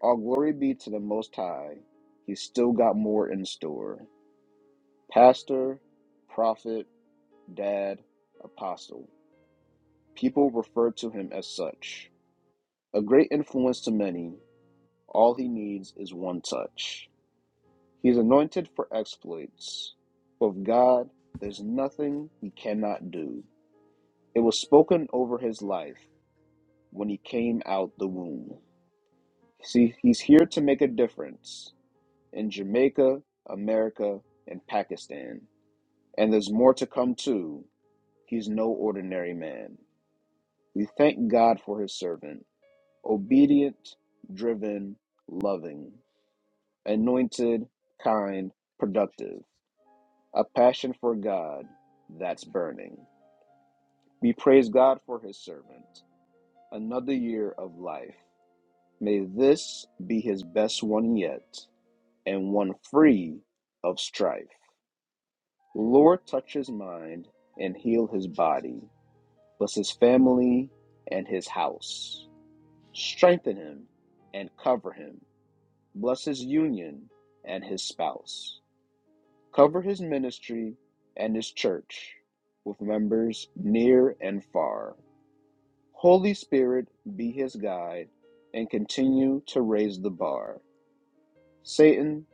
All glory be to the Most High. He's still got more in store. Pastor, prophet, dad, apostle. People refer to him as such. A great influence to many, all he needs is one touch. He is anointed for exploits. With God, there's nothing he cannot do. It was spoken over his life when he came out the womb. See, he's here to make a difference in Jamaica, America, and Pakistan. And there's more to come too. He's no ordinary man. We thank God for his servant. obedient, driven, loving, anointed, kind, productive, a passion for God that's burning. We praise God for his servant, another year of life. May this be his best one yet, and one free of strife. Lord, touch his mind and heal his body, bless his family and his house, strengthen him and cover him bless his union and his spouse, cover his ministry and his church with members near and far. Holy Spirit be his guide and continue to raise the bar. Satan,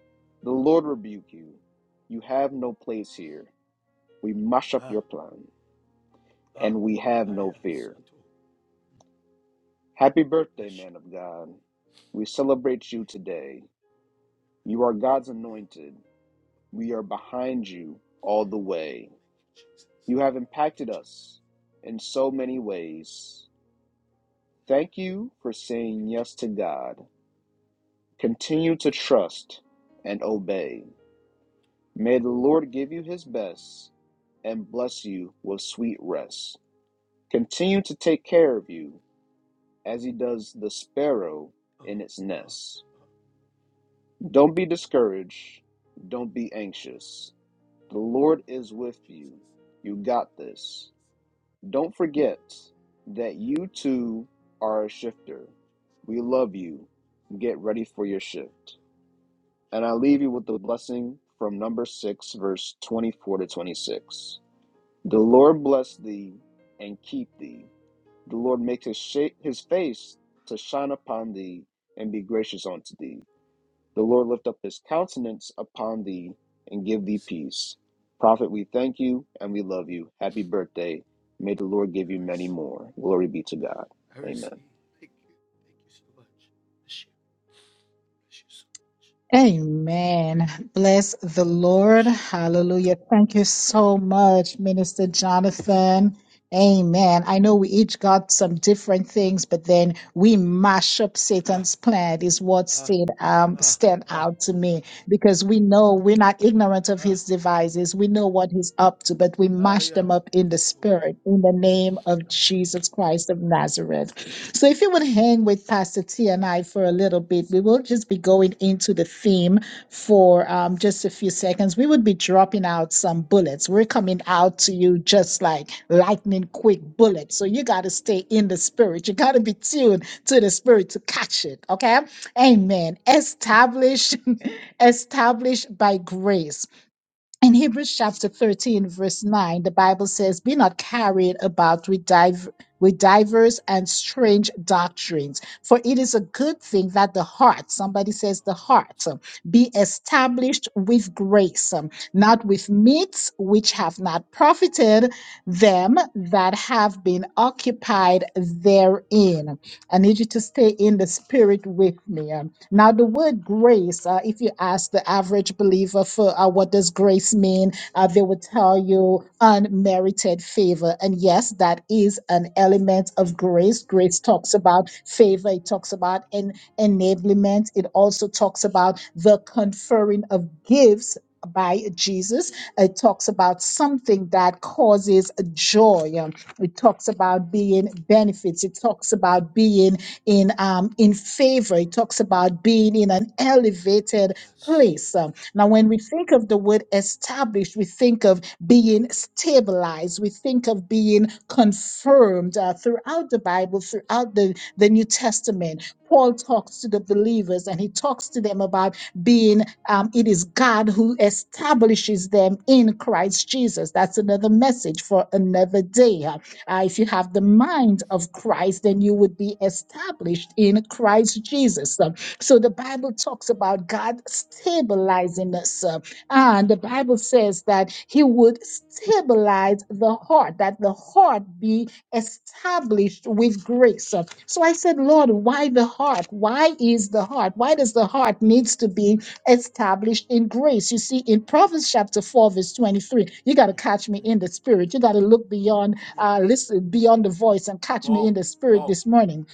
the Lord rebuke you. You have no place here. We mash up your plan and we have no fear. Happy birthday, man of God. We celebrate you today. You are God's anointed. We are behind you all the way. You have impacted us in so many ways. Thank you for saying yes to God. Continue to trust and obey. May the Lord give you his best and bless you with sweet rest. Continue to take care of you as he does the sparrow in its nest. Don't be discouraged. Don't be anxious. The Lord is with you. You got this. Don't forget that you too are a shifter. We love you. Get ready for your shift. And I leave you with the blessing from number 6, verse 24 to 26. The Lord bless thee and keep thee. The Lord make his, shape, his face to shine upon thee and be gracious unto thee. The Lord lift up his countenance upon thee and give thee peace. Prophet, we thank you and we love you. Happy birthday. May the Lord give you many more. Glory be to God. Amen. Amen. Bless the Lord. Hallelujah. Thank you so much, Minister Jonathan. Amen. I know we each got some different things, but then we mash up Satan's plan is what stayed, um, stand out to me because we know we're not ignorant of his devices. We know what he's up to, but we mash them up in the spirit in the name of Jesus Christ of Nazareth. So, if you would hang with Pastor T and I for a little bit, we will just be going into the theme for um, just a few seconds. We would be dropping out some bullets. We're coming out to you just like lightning quick bullets. So, you got to stay in the spirit. You got to be tuned to the spirit to catch it. Okay. Amen. Established, established by grace in Hebrews chapter 13, verse 9, the Bible says, Be not carried about with, div- with divers and strange doctrines, for it is a good thing that the heart, somebody says the heart, um, be established with grace, um, not with meats which have not profited them that have been occupied therein. I need you to stay in the spirit with me. um, now, the word grace, uh, if you ask the average believer for uh, what does grace mean, uh, they would tell you unmerited favor. And yes, that is an element of grace. Grace talks about favor, it talks about en- enablement, it also talks about the conferring of gifts. By Jesus. It talks about something that causes joy. Um, It talks about being benefits. It talks about being in um, in favor. It talks about being in an elevated place. Um, Now, when we think of the word established, we think of being stabilized. We think of being confirmed uh, throughout the Bible, throughout the, the New Testament. Paul talks to the believers and he talks to them about being, um, it is God who establishes them in Christ Jesus. That's another message for another day. Uh, if you have the mind of Christ, then you would be established in Christ Jesus. Um, so the Bible talks about God stabilizing us. uh, and the Bible says that He would stabilize the heart, that the heart be established with grace. Uh, So I said, Lord, why the heart? Why is the heart? Why does the heart needs to be established in grace? You see, in Proverbs chapter 4, verse 23, you got to catch me in the spirit. You got to look beyond uh, listen beyond the voice and catch me in the spirit Oh, this morning.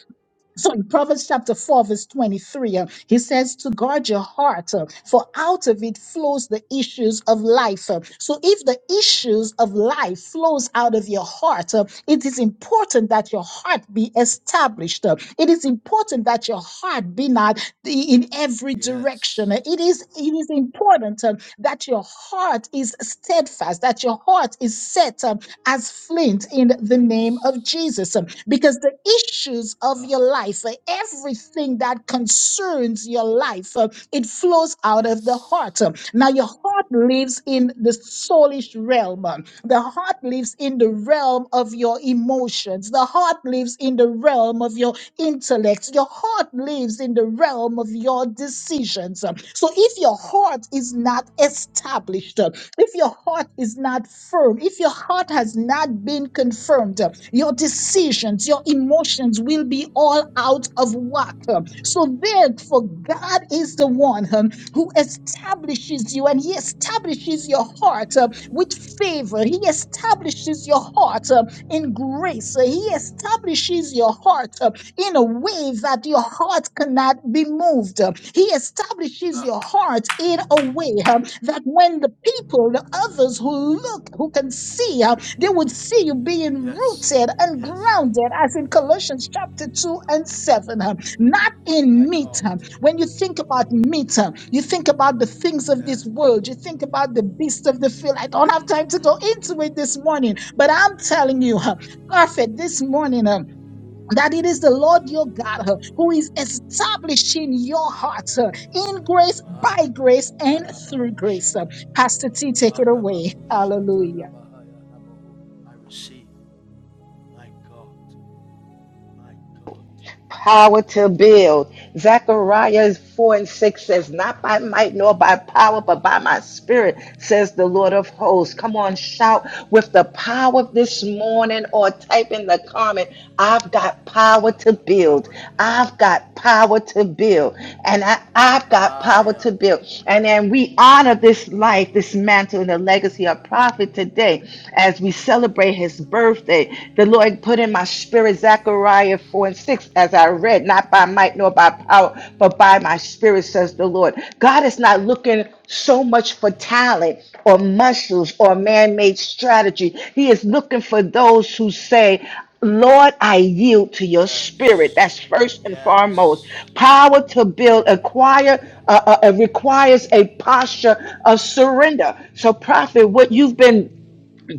So in Proverbs chapter 4, verse 23, uh, he says to guard your heart, uh, for out of it flows the issues of life. Uh, so if the issues of life flows out of your heart, uh, it is important that your heart be established. Uh, it is important that your heart be not the- in every direction. Uh, yes. It is, it is important uh, that your heart is steadfast, that your heart is set um, as flint in the name of Jesus. Um, Because the issues of your life, uh, everything that concerns your life, uh, it flows out of the heart. Um, Now, your heart lives in the soulish realm. um, The heart lives in the realm of your emotions. The heart lives in the realm of of your intellect. Your heart lives in the realm of your decisions. Um, So if your heart is not established, uh, if your heart is not firm, if your heart has not been confirmed, uh, your decisions, your emotions will be all out of whack. um. So therefore, God is the one um, who establishes you and He establishes your heart heart uh, with favor. He establishes your heart uh, in grace. He establishes your heart uh, in a way that your heart cannot be moved. He establishes your heart in a way uh, that when the people, the others who look, who can see, uh, they would see you being rooted and grounded, as in Colossians chapter 2 and 7. uh, Not in meat. When you think about meat, you think about the things of this world, you think about the beast of the field. I don't have time to go into it this morning, but I'm telling you, huh, perfect this morning. um, that it is the Lord your God uh, who is establishing your heart uh, in grace, by grace, and through grace. Uh, Pastor T, take it away. Hallelujah. power to build. Zechariah 4 and 6 says, Not by might nor by power, but by my spirit, says the Lord of hosts. Come on, shout with the power this morning or type in the comment, I've got power to build. I've got power to build. And I, I've got power Yeah. to build. And then we honor this life, this mantle, and the legacy of prophet today as we celebrate his birthday. The the Lord put in my spirit Zechariah 4 and 6 as I read, not by might nor by power, but by my spirit, says the Lord. God is not looking so much for talent or muscles or man made strategy. He is looking for those who say, Lord, I yield to your spirit. Yes. That's first and foremost. Yes. Power to build acquire uh, uh, uh, requires a posture of surrender. So, prophet, what you've been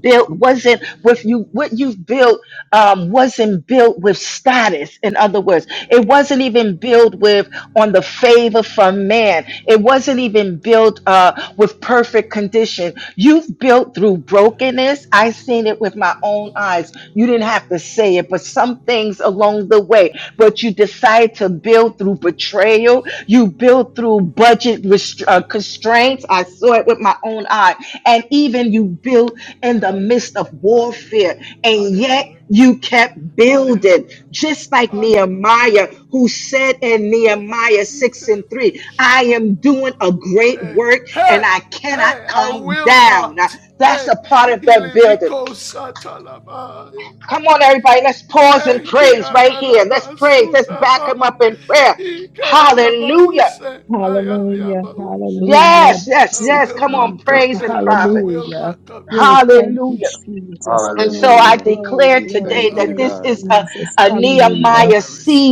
built wasn't with you what you've built um, wasn't built with status in other words it wasn't even built with on the favor from man it wasn't even built uh, with perfect condition you've built through brokenness i seen it with my own eyes you didn't have to say it but some things along the way but you decide to build through betrayal you build through budget rest- uh, constraints i saw it with my own eye and even you build in the midst of warfare, and yet you kept building, just like Nehemiah, who said in Nehemiah 6 and 3, I am doing a great work and I cannot come down. Now, that's a part of that building. Come on, everybody, let's pause and praise right here. Let's praise, let's back him up in prayer. Hallelujah. Hallelujah, hallelujah, Yes, yes, mercy, yes. Come on, Jesus, praise and prophet. hallelujah. Yes, thank Hallelujah. you, Jesus. And so Glory, I Hallelujah. glory, declare We glory, thank today that you, glory, this is God. a, Jesus. a Hallelujah. Nehemiah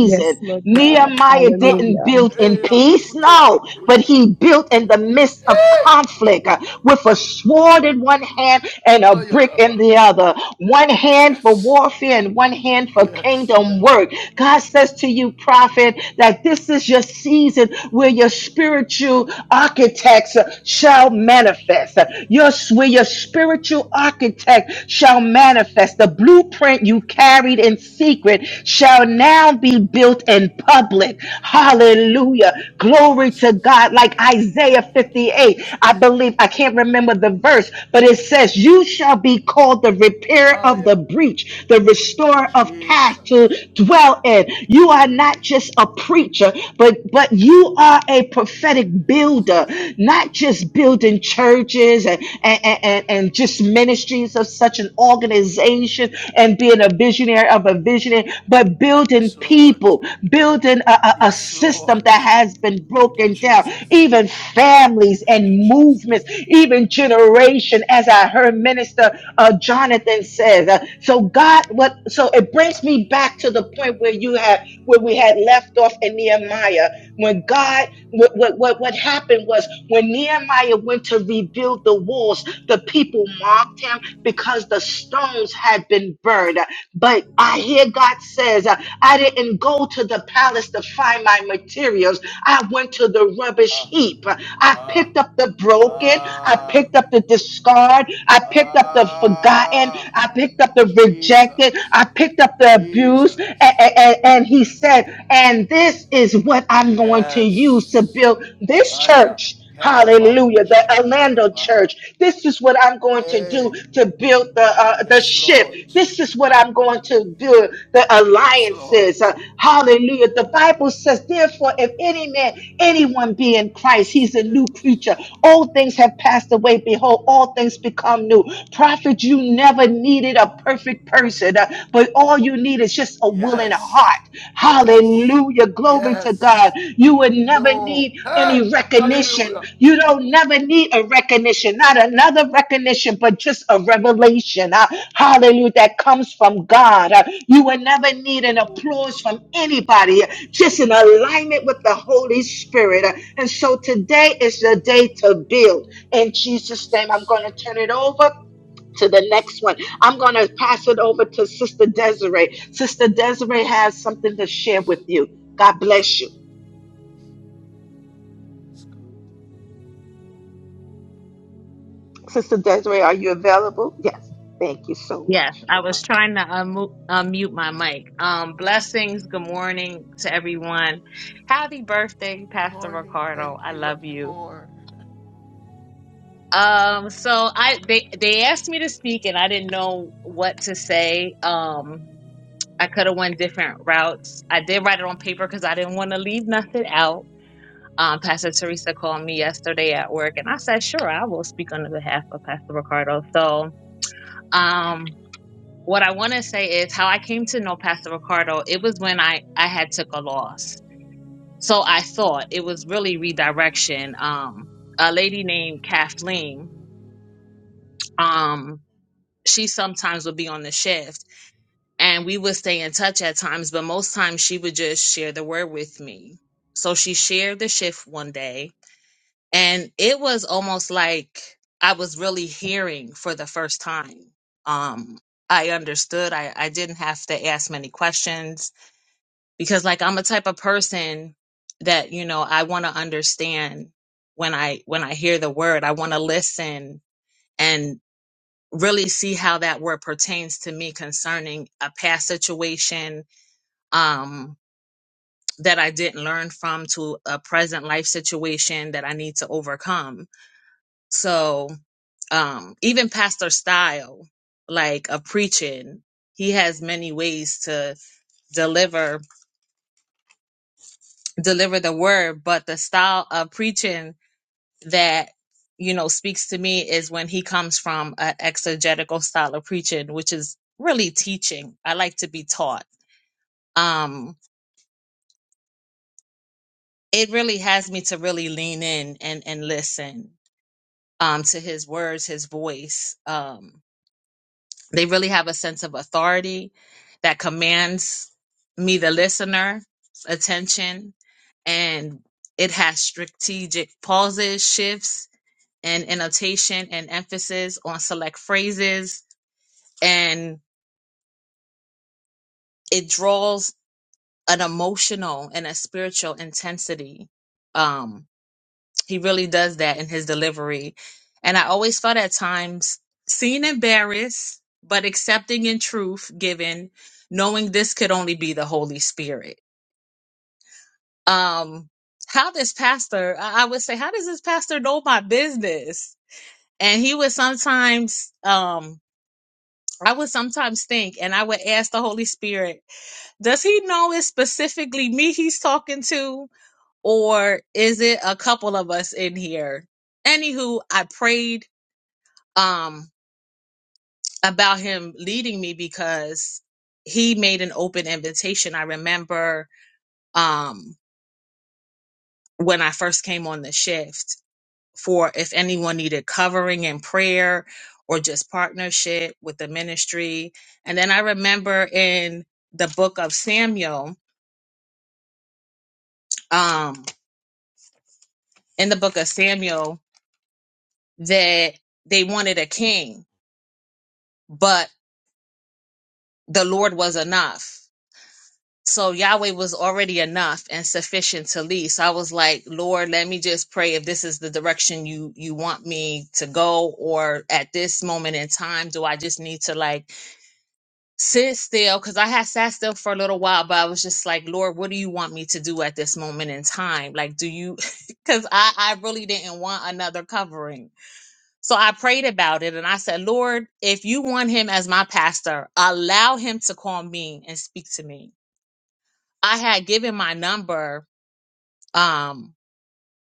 Yes, Lord God. Nehemiah Hallelujah. didn't build in peace, no, but he built in the midst of conflict uh, with a sword in one hand and a brick in the other. One hand for warfare and one hand for kingdom work. God says to you, prophet, that this is your season where your spiritual architects uh, shall manifest. Uh, Your, where your spiritual spiritual architect shall manifest. The blueprint you carried in secret shall now be built in public. Hallelujah. Glory to God. Like Isaiah 58, I believe, I can't remember the verse, but it says, You shall be called the repairer of the breach, the restorer of path to dwell in. You are not just a preacher, but, but you are a prophetic builder builder, not just building churches and, and, and, and just ministries of such an organization and being a visionary of a visionary, but building people, building a, a, a system that has been broken down, even families and movements, even generation, as I heard Minister uh, Jonathan says. Uh, so God, what? So it brings me back to the point where you had, where we had left off in Nehemiah when God, what, what, what, what happened was when Nehemiah went to rebuild the walls, the people mocked him because the stones had been burned. But I hear God says, uh, I didn't go to the palace to find my materials. I went to the rubbish heap. I Ah, picked up the broken. I ah, picked up the discard. I picked ah. up the forgotten. I picked up the rejected. Jesus. I picked up the abused. A- Jesus. a- and he said, and this is what I'm going to use to Yes. build this Aya. church. Hallelujah. The Kelabakusha Orlando tarabaha. church. This is what I'm going to do Hey. to build the uh, the Yes, ship. Lord. This is what I'm going to do. The Yes, Lord. alliances. Uh, hallelujah. The Bible says, therefore, if any man, anyone be in Christ, Yes, he's a new yes. creature. Old things have passed away. Behold, all things become new. Prophet, you never needed a perfect person, uh, but all you need is just a willing Yes. heart. Yes. Hallelujah. Glory to Yes. God. You would never No. need Hey, any recognition. hallelujah. You don't never need a recognition, not another recognition, but just a revelation. Uh, hallelujah. That comes from God. Uh, you would never need an applause from anybody, uh, just in alignment with the Holy Spirit. Uh, and so today is the day to build. In Jesus' name, I'm going to turn it over to the next one. I'm going to pass it over to Sister Desiree. Sister Desiree has something to share with you. God bless you. Sister Desiree, are you available? Yes. Thank you so Yes, much. I was trying to unmute, unmute my mic. Um, blessings. Good morning to everyone. Happy birthday, Pastor Ricardo. I love you. Um, so I they they asked me to speak and I didn't know what to say. Um, I could have went different routes. I did write it on paper because I didn't want to leave nothing out. Um, Pastor Teresa called me yesterday at work and I said, sure, I will speak on the behalf of Pastor Ricardo. So Um, what I want to say is how I came to know Pastor Ricardo. It was when I I had took a loss, so I thought it was really redirection. Um, a lady named Kathleen. Um, she sometimes would be on the shift, and we would stay in touch at times, but most times she would just share the word with me. So she shared the shift one day, and it was almost like i was really hearing for the first time um i understood i i didn't have to ask many questions because like i'm a type of person that you know i want to understand when i when i hear the word i want to listen and really see how that word pertains to me concerning a past situation um that i didn't learn from to a present life situation that i need to overcome so um even pastor style like a preaching he has many ways to deliver deliver the word but the style of preaching that you know speaks to me is when he comes from an exegetical style of preaching which is really teaching i like to be taught um it really has me to really lean in and and listen um to his words his voice Um. They really have a sense of authority that commands me, the listener, attention, and it has strategic pauses, shifts, and annotation and emphasis on select phrases, and it draws an emotional and a spiritual intensity. Um, He really does that in his delivery. And I always felt at times seen embarrassed, but accepting in truth given, knowing this could only be the Holy Spirit. Um, how this pastor, I I would say, how does this pastor know my business? And he would sometimes, um, I would sometimes think, and I would ask the Holy Spirit, does he know it's specifically me he's talking to, or is it a couple of us in here? Anywho, I prayed um about him leading me because he made an open invitation. I remember um when I first came on the shift for if anyone needed covering in prayer or just partnership with the ministry. And then I remember in the book of Samuel, um in the book of Samuel that they wanted a king, but the Lord was enough So Yahweh was already enough and sufficient to lead. So I was like, Lord, let me just pray if this is the direction you you want me to go, or at this moment in time, do I just need to like sit still? Because I had sat still for a little while, but I was just like, Lord, what do you want me to do at this moment in time? Like, do you? Because I I really didn't want another covering. So I prayed about it and I said, Lord, if you want him as my pastor, allow him to call me and speak to me I had given my number um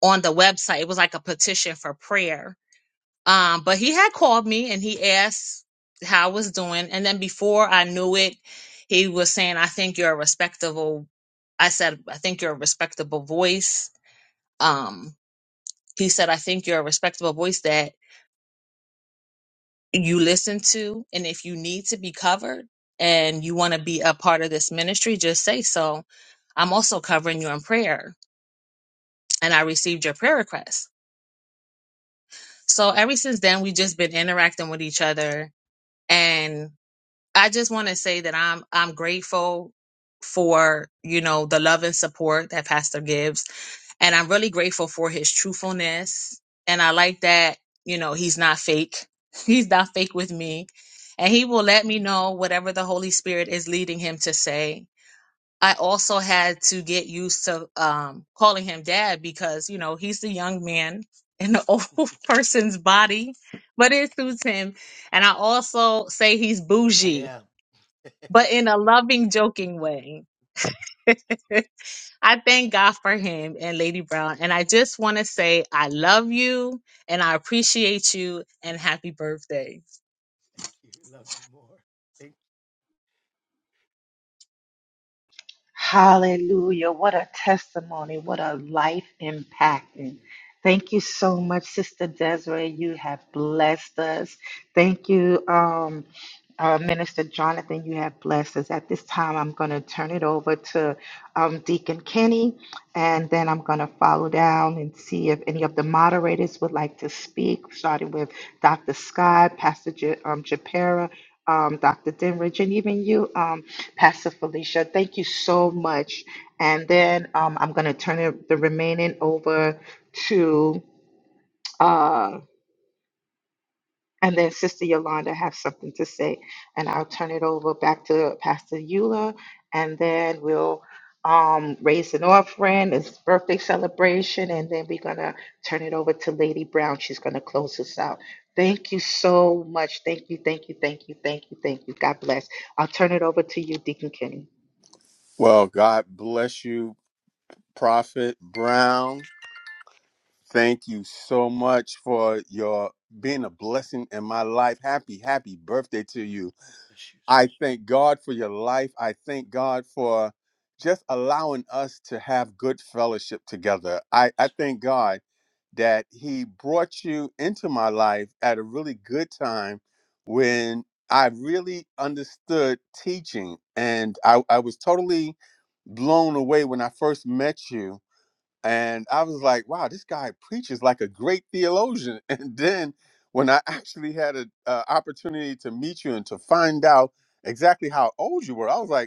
on the website. It was like a petition for prayer. Um, but he had called me and he asked how I was doing. And then before I knew it, he was saying, I think you're a respectable I said, I think you're a respectable voice. Um, he said, I think you're a respectable voice that you listen to. And if you need to be covered and you want to be a part of this ministry, just say so. I'm also covering you in prayer. And I received your prayer request. So ever since then, we've just been interacting with each other, and I just want to say that I'm I'm grateful for you know the love and support that Pastor gives, and I'm really grateful for his truthfulness, and I like that you know he's not fake, he's not fake with me, and he will let me know whatever the Holy Spirit is leading him to say, I also had to get used to um, calling him dad because, you know, he's the young man in the old person's body, but it suits him. And I also say he's I bougie, am. but in a loving, joking way. I thank God for him and Lady Brown. And I just want to say I love you and I appreciate you and happy birthday. Thank you. Love you more. Thank Hallelujah. What a testimony. What a life impacting. Thank you so much, Sister Desiree. You have blessed us. Thank you. Um, uh, Minister Jonathan, you have blessed us. At this time, I'm going to turn it over to um, Deacon Kenny, and then I'm going to follow down and see if any of the moderators would like to speak, starting with Dr. Scott, Pastor J- um, Japera, um, Dr. Denridge, and even you, um, Pastor Felicia. Thank you so much. And then um, I'm going to turn it, the remaining over to. Uh, and then Sister Yolanda have something to say, and I'll turn it over back to Pastor Eula, and then we'll um, raise an offering, it's birthday celebration, and then we're gonna turn it over to Lady Brown. She's gonna close us out. Thank you so much. Thank you, thank you, thank you, thank you, thank you. God bless. I'll turn it over to you, Deacon Kenny. Well, God bless you, Prophet Brown. Thank you so much for your being a blessing in my life. Happy, happy birthday to you. I thank God for your life. I thank God for just allowing us to have good fellowship together. I, I thank God. that he brought you into my life at a really good time when I really understood teaching. And I, I was totally blown away when I first met you. And I was like, wow, this guy preaches like a great theologian. And then when I actually had an opportunity to meet you and to find out exactly how old you were, I was like,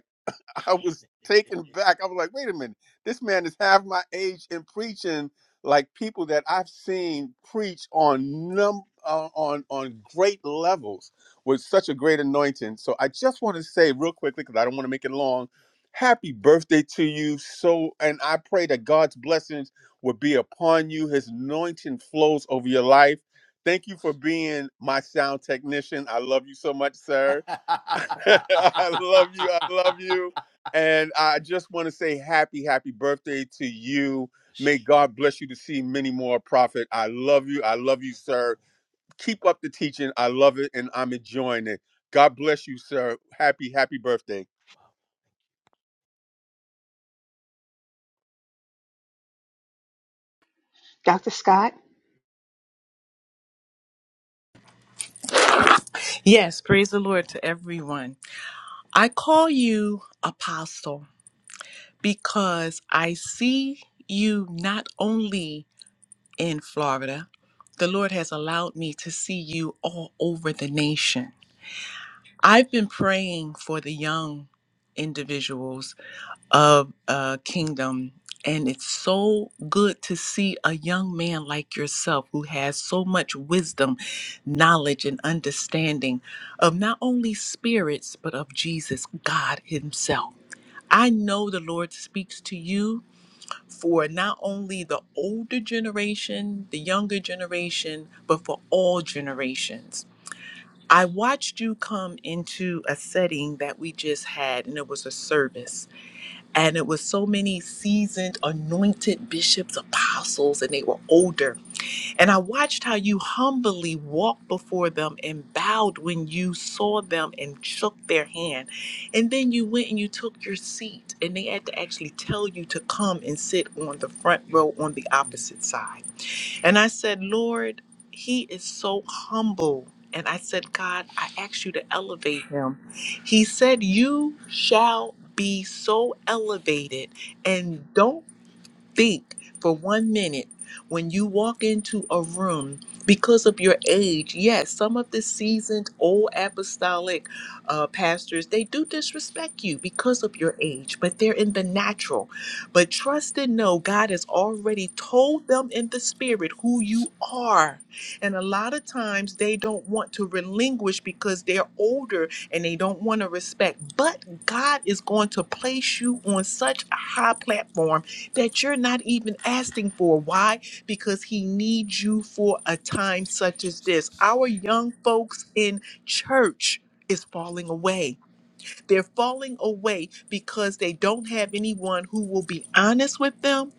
I was taken back. I was like, wait a minute, this man is half my age and preaching like people that I've seen preach on num uh, on on great levels with such a great anointing. So I just want to say real quickly because I don't want to make it long. Happy birthday to you. So and I pray that God's blessings will be upon you. His anointing flows over your life. Thank you for being my sound technician. I love you so much, you. sir I love you. I love you. And I just want to say happy, happy birthday to you. May God bless you to see many more, Prophet. I love you. I love you, sir. Keep up the teaching. I love it and I'm enjoying it. God bless you, sir. Happy, happy birthday. Dr. Scott. Yes, praise the Lord to everyone. I call you apostle because I see you not only in Florida, the Lord has allowed me to see you all over the nation. I've been praying for the young individuals of uh, Kingdom. And it's so good to see a young man like yourself who has so much wisdom, knowledge, and understanding of not only spirits, but of Jesus, God Himself. I know the Lord speaks to you for not only the older generation, the younger generation, but for all generations. I watched you come into a setting that we just had, and it was a service and it was so many seasoned anointed bishops apostles and they were older and i watched how you humbly walked before them and bowed when you saw them and shook their hand and then you went and you took your seat and they had to actually tell you to come and sit on the front row on the opposite side and I said, Lord, he is so humble. And I said, God, I ask you to elevate him. He said, You shall be so elevated, and don't think for one minute when you walk into a room because of your age yes some of the seasoned old apostolic uh, pastors they do disrespect you because of your age but they're in the natural but trust and know god has already told them in the spirit who you are and a lot of times they don't want to relinquish because they're older and they don't want to respect but god is going to place you on such a high platform that you're not even asking for. Why? Because he needs you for a time such as this. Our young folks in church is falling away. They're falling away because they don't have anyone who will be honest with them,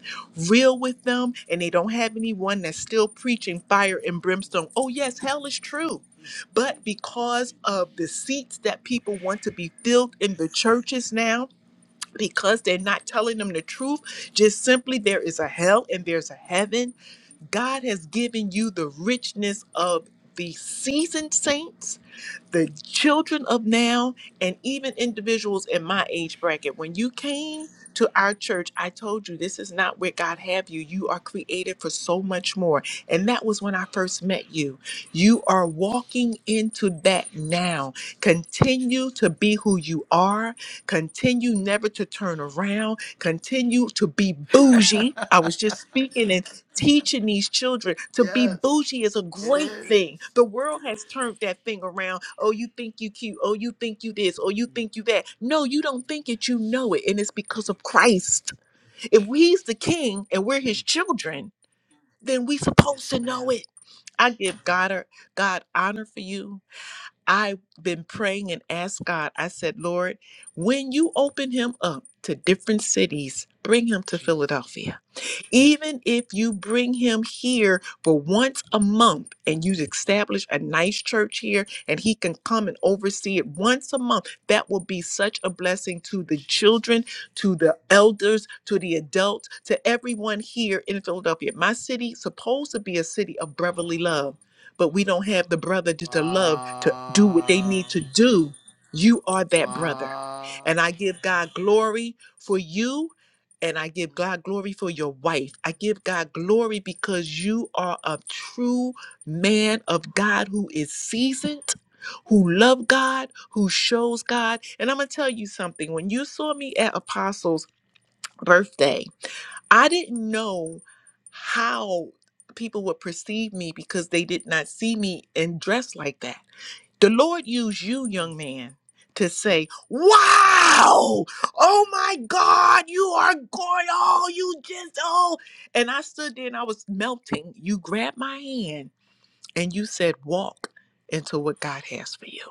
real with them, and they don't have anyone that's still preaching fire and brimstone. Oh, yes, hell is true. But because of the seats that people want to be filled in the churches now, because they're not telling them the truth. Just simply, there is a hell and there's a heaven. God has given you the richness of the seasoned saints the children of now and even individuals in my age bracket when you came to our church i told you this is not where god have you you are created for so much more and that was when i first met you you are walking into that now continue to be who you are continue never to turn around continue to be bougie. I was just speaking and teaching these children to be bougie is a great thing. The world has turned that thing around. Oh, you think you cute. Oh, you think you this. Oh, you think you that. No, you don't think it. You know it. And it's because of Christ. If he's the king and we're his children, then we supposed to know it. I give God, God honor for you. I've been praying and asked God, I said, Lord, when you open him up to different cities, bring him to Philadelphia. Even if you bring him here for once a month and you establish a nice church here and he can come and oversee it once a month, that will be such a blessing to the children, to the elders, to the adults, to everyone here in Philadelphia. My city supposed to be a city of brotherly love, but we don't have the brother to, to love to do what they need to do. You are that brother. And I give God glory for you and I give God glory for your wife. I give God glory because you are a true man of God who is seasoned, who love God, who shows God. And I'm going to tell you something. When you saw me at Apostle's birthday, I didn't know how people would perceive me because they did not see me and dress like that. The Lord used you, young man, to say, Wow, oh my God, you are going, oh, you just, oh. And I stood there and I was melting. You grabbed my hand and you said, Walk into what God has for you.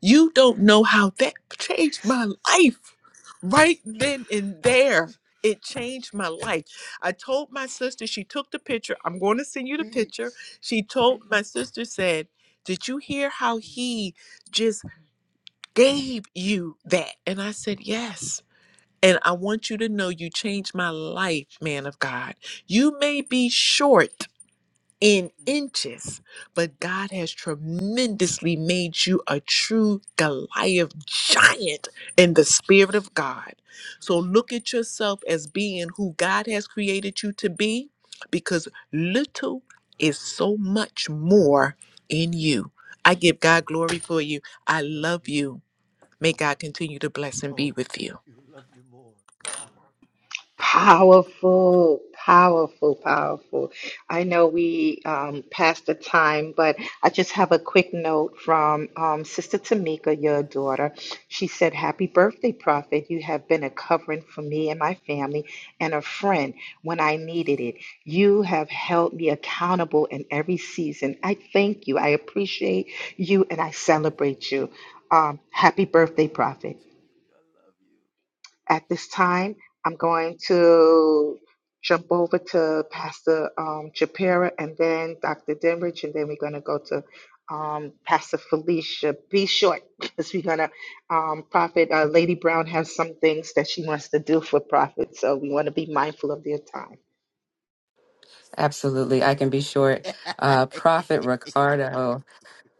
You don't know how that changed my life right then and there. It changed my life. I told my sister, she took the picture. I'm going to send you the picture. She told my sister, said, Did you hear how he just gave you that? And I said, Yes. And I want you to know you changed my life, man of God. You may be short in inches, but God has tremendously made you a true Goliath giant in the Spirit of God. So look at yourself as being who God has created you to be because little is so much more in you. I give God glory for you. I love you. May God continue to bless and be with you. Powerful, powerful, powerful. I know we um, passed the time, but I just have a quick note from um, Sister Tamika, your daughter. She said, Happy birthday, Prophet. You have been a covering for me and my family and a friend when I needed it. You have held me accountable in every season. I thank you. I appreciate you and I celebrate you. Um, happy birthday, Prophet. At this time, I'm going to jump over to Pastor um, Japera and then Dr. Denridge, and then we're going to go to um, Pastor Felicia. Be short because we're going to, um, Prophet uh, Lady Brown has some things that she wants to do for Prophet, so we want to be mindful of their time. Absolutely. I can be short. Uh, Prophet Ricardo.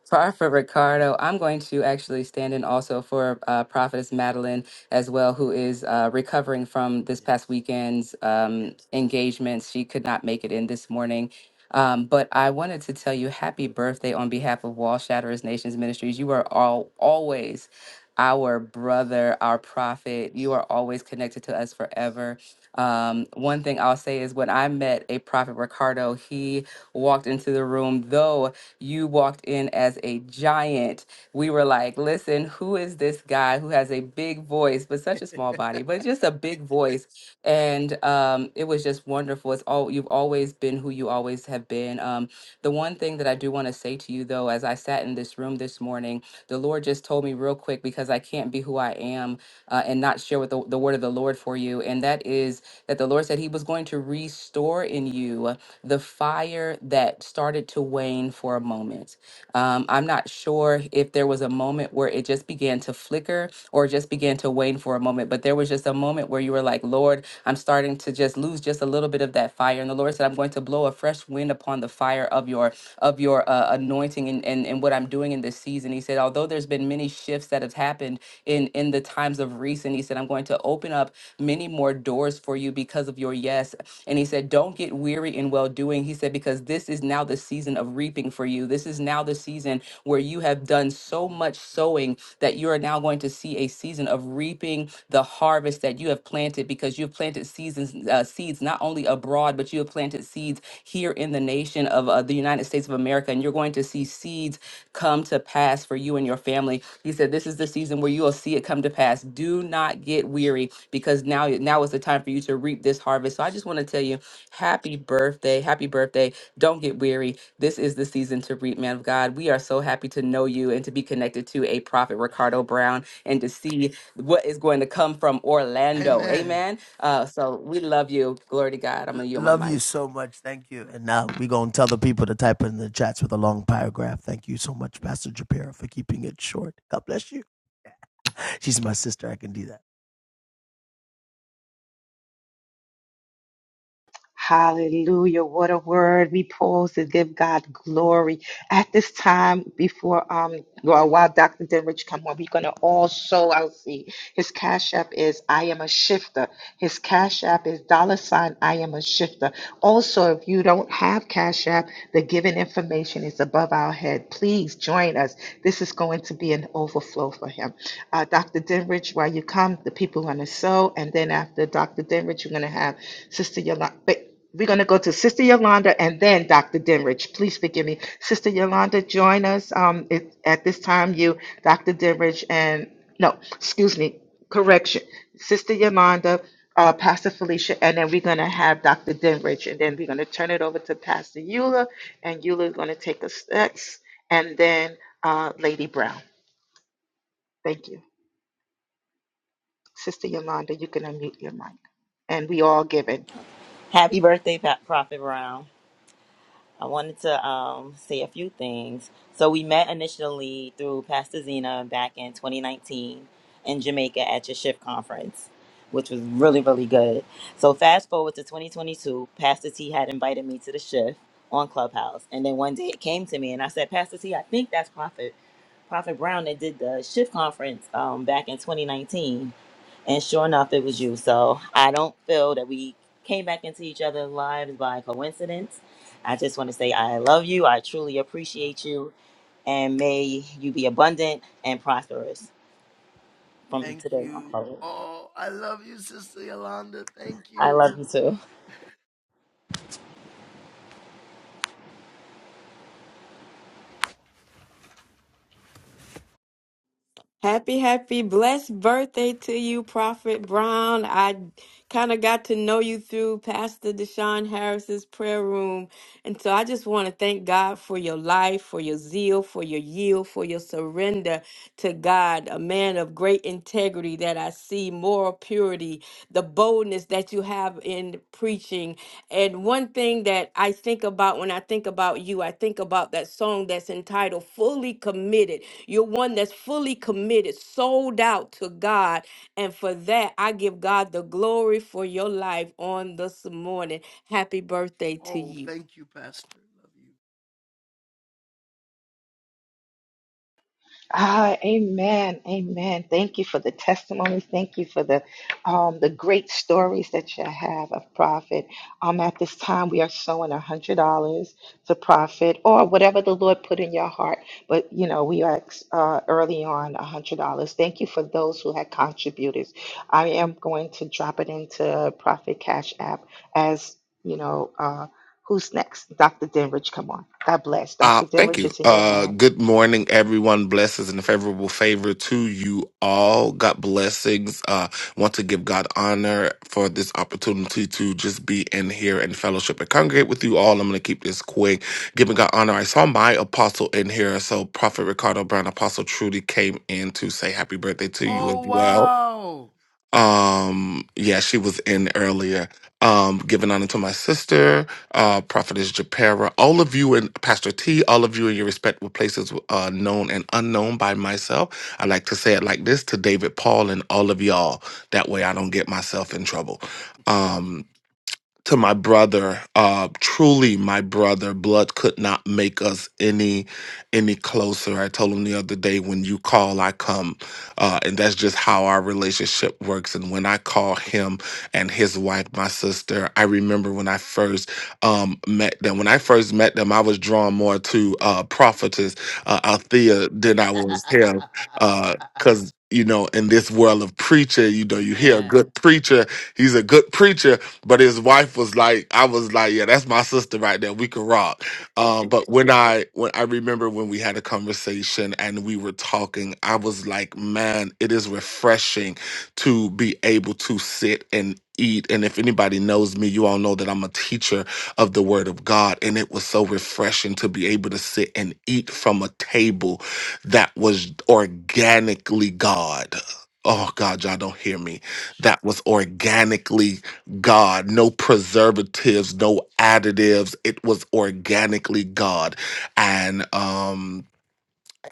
Far for Ricardo. I'm going to actually stand in also for uh, Prophetess Madeline as well, who is uh, recovering from this Yes. past weekend's um, engagements. She could not make it in this morning. Um, but I wanted to tell you happy birthday on behalf of Wall Shatterers Nations Ministries. You are all always our brother, our prophet. You are always connected to us forever. Um, one thing I'll say is when I met a prophet Ricardo, he walked into the room, though you walked in as a giant. We were like, listen, who is this guy who has a big voice, but such a small body, but just a big voice? And um, it was just wonderful. It's all you've always been who you always have been. Um, the one thing that I do want to say to you, though, as I sat in this room this morning, the Lord just told me real quick because I can't be who I am uh, and not share with the, the word of the Lord for you. And that is that the Lord said He was going to restore in you the fire that started to wane for a moment. Um, I'm not sure if there was a moment where it just began to flicker or just began to wane for a moment, but there was just a moment where you were like, Lord, I'm starting to just lose just a little bit of that fire. And the Lord said, I'm going to blow a fresh wind upon the fire of your of your uh, anointing and, and and what I'm doing in this season. He said, although there's been many shifts that have happened in in the times of recent, he said, I'm going to open up many more doors for you because of your yes. And he said, don't get weary in well doing. He said, because this this is now the season of reaping for you. This is now the season where you have done so much sowing that you are now going to see a season of reaping the harvest that you have planted because you have planted seasons uh, seeds not only abroad but you have planted seeds here in the nation of uh, the United States of America and you're going to see seeds come to pass for you and your family. He said this is the season where you will see it come to pass. Do not get weary because now now is the time for you to reap this harvest. So I Yes, just want Lord. to tell you Happy birthday. Happy birthday. Don't get weary. This is the season to reap, man of God. We are so happy to know you and to be connected to a prophet, Ricardo Brown, and to see what is going to come from Yes, Lord. Orlando. Amen. Amen. Uh, so we love you. Glory to God. I'm going to yield my Love you mic. so much. Thank you. And now we're going to tell the people to type in the chats with a long paragraph. Thank you so much, Pastor Japiro, for keeping it short. God bless you. She's my sister. I can do that. Hallelujah. What a word. We pause to give God glory. At this time, before um, well, while Dr. Denrich come on, we're gonna also I'll see his cash app is I am a shifter. His cash app is dollar sign I am a shifter. Also, if you don't have cash app, the given information is above our head. Please join us. This is going to be an overflow for him. Uh, Dr. Denrich, while you come, the people are gonna sow, and then after Dr. Denrich, you're gonna have Sister Yolanda. We're going to go to Sister Yolanda and then Dr. Denrich. Please forgive me. Sister Yolanda, join us um, it, at this time. You, Dr. Denrich, and no, excuse me, correction. Sister Yolanda, uh, Pastor Felicia, and then we're going to have Dr. Denrich, and then we're going to turn it over to Pastor Eula, and Eula is going to take us next, and then uh, Lady Brown. Thank you. Sister Yolanda, you can unmute your mic. And we all given. Happy birthday, Pa- Prophet Brown. I wanted to um, say a few things. So we met initially through Pastor Zena back in 2019 in Jamaica at your shift conference, which was really, really good. So fast forward to 2022, Pastor T had invited me to the shift on Clubhouse. And then one day it came to me and I said, Pastor T, I think that's Prophet. Prophet Brown that did the shift conference um, back in 2019, and sure enough, it was you. So I don't feel that we came back into each other's lives by coincidence. I just want to say I love you. I truly appreciate you, and may you be abundant and prosperous from Thank today on you. forward. Oh, I love you, Sister Yolanda. Thank I you. love you too. Happy, happy, blessed birthday to you, Prophet Brown. I kind of got to know you through Pastor Deshaun Harris's prayer room. And so I just want to thank God for your life, for your zeal, for your yield, for your surrender to God, a man of great integrity that I see, moral purity, the boldness that you have in preaching. And one thing that I think about when I think about you, I think about that song that's entitled Fully Committed you're one that's fully committed, sold out to God. And for that, I give God the glory for your life on this morning. Happy birthday to you. Ah, amen, amen. Thank you for the testimony. Thank you for the um, the great stories that you have of Prophet. Um, at this time, we are sowing a hundred dollars to Prophet or whatever the Lord put in your heart. But you know, we are uh, early on a hundred dollars. Thank you for those who had contributed. I am going to drop it into Prophet Cash App as you know. Uh, who's next? Dr. Denrich, come on. God bless. Uh, Dr. thank Denrich you. is in your Uh, hands. good morning, everyone. Blessings and favorable favor to you all. God blessings. Uh, want to give God honor for this opportunity to just be in here and fellowship and congregate with you all. I'm going to keep this quick. Giving God honor. I saw my apostle in here. So Prophet Ricardo Brown, Apostle Trudy came in to say happy birthday to you as well. Um, yeah, she was in earlier. Um, giving honor to my sister, uh, Prophetess Japera, all of you and Pastor T, all of you in your respectable places, uh, known and unknown by myself. I like to say it like this to David Paul and all of y'all. That way I don't get myself in trouble. Um, to my brother uh truly my brother blood could not make us any any closer i told him the other day when you call i come uh and that's just how our relationship works and when i call him and his wife my sister i remember when i first um met them when i first met them i was drawn more to uh prophetess uh, althea than i was him uh because you know, in this world of preacher, you know, you hear a good preacher, he's a good preacher, but his wife was like, I was like, yeah, that's my sister right there. We can rock. Um, but when I when I remember when we had a conversation and we were talking, I was like, man, it is refreshing to be able to sit and eat. And if anybody knows me, you all know that I'm a teacher of the word of God. And it was so refreshing to be able to sit and eat from a table that was organically God. Oh God, y'all don't hear me. That was organically God, no preservatives, no additives. It was organically God. And um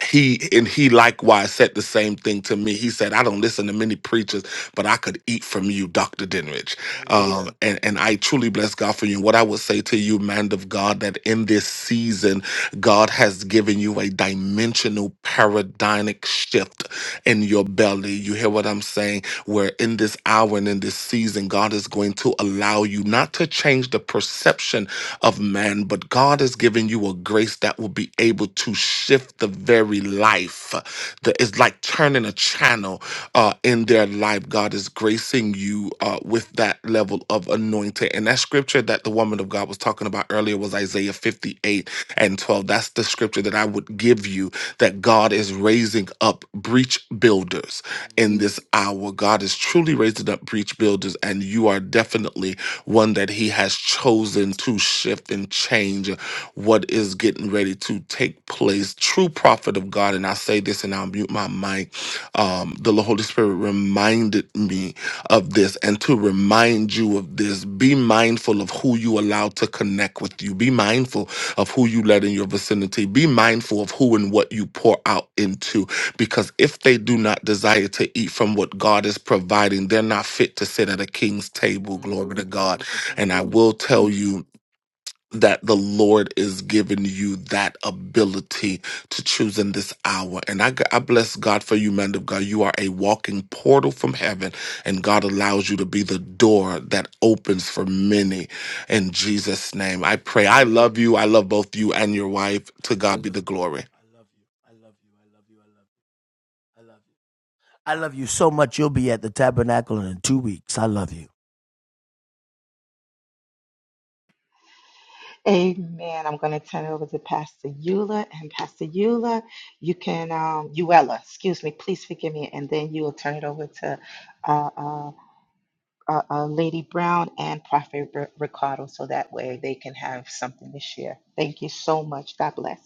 he and he likewise said the same thing to me. He said, I don't listen to many preachers, but I could eat from you, Dr. Dinrich. Um, and, and I truly bless God for you. What I would say to you, man of God, that in this season, God has given you a dimensional paradigmic shift in your belly. You hear what I'm saying? where in this hour and in this season, God is going to allow you not to change the perception of man, but God has given you a grace that will be able to shift the very life. That is like turning a channel uh, in their life. God is gracing you uh, with that level of anointing. And that scripture that the woman of God was talking about earlier was Isaiah 58 and 12. That's the scripture that I would give you that God is raising up breach builders builders in this hour. God is truly raising up breach builders, and you are definitely one that He has chosen to shift and change what is getting ready to take place. True prophet of God, and I say this and I'll mute my mic. Um, the Holy Spirit reminded me of this and to remind you of this. Be mindful of who you allow to connect with you. Be mindful of who you let in your vicinity. Be mindful of who and what you pour out into. Because if they do not desire to eat from what God is providing, they're not fit to sit at a king's table. Mm, Glory to mm, God. mm, And I mm. will tell mm. you that the Lord is giving you that ability to choose in this hour. And I, I bless God for you, man of God. You are a walking portal from heaven, and God allows you to be the door that opens for many in Jesus' name. I pray. I love you. I love both you and your wife. To God be the glory. I love you so much. You'll be at the tabernacle in two weeks. I love you. Amen. I'm going to turn it over to Pastor Eula. And Pastor Eula, you can, um, Eula, excuse me, please forgive me. And then you will turn it over to uh, uh, uh, uh, Lady Brown and Prophet R- Ricardo so that way they can have something to share. Thank you so much. God bless.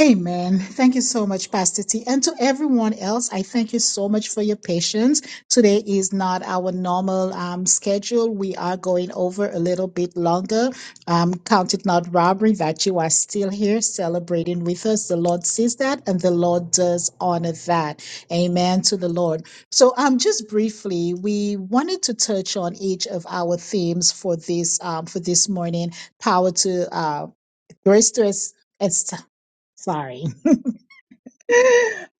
Amen. Thank you so much, Pastor T. And to everyone else, I thank you so much for your patience. Today is not our normal um, schedule. We are going over a little bit longer. Um, count it not robbery that you are still here celebrating with us. The Lord sees that and the Lord does honor that. Amen to the Lord. So, um, just briefly, we wanted to touch on each of our themes for this um, for this morning. Power to uh, grace to es- est- sorry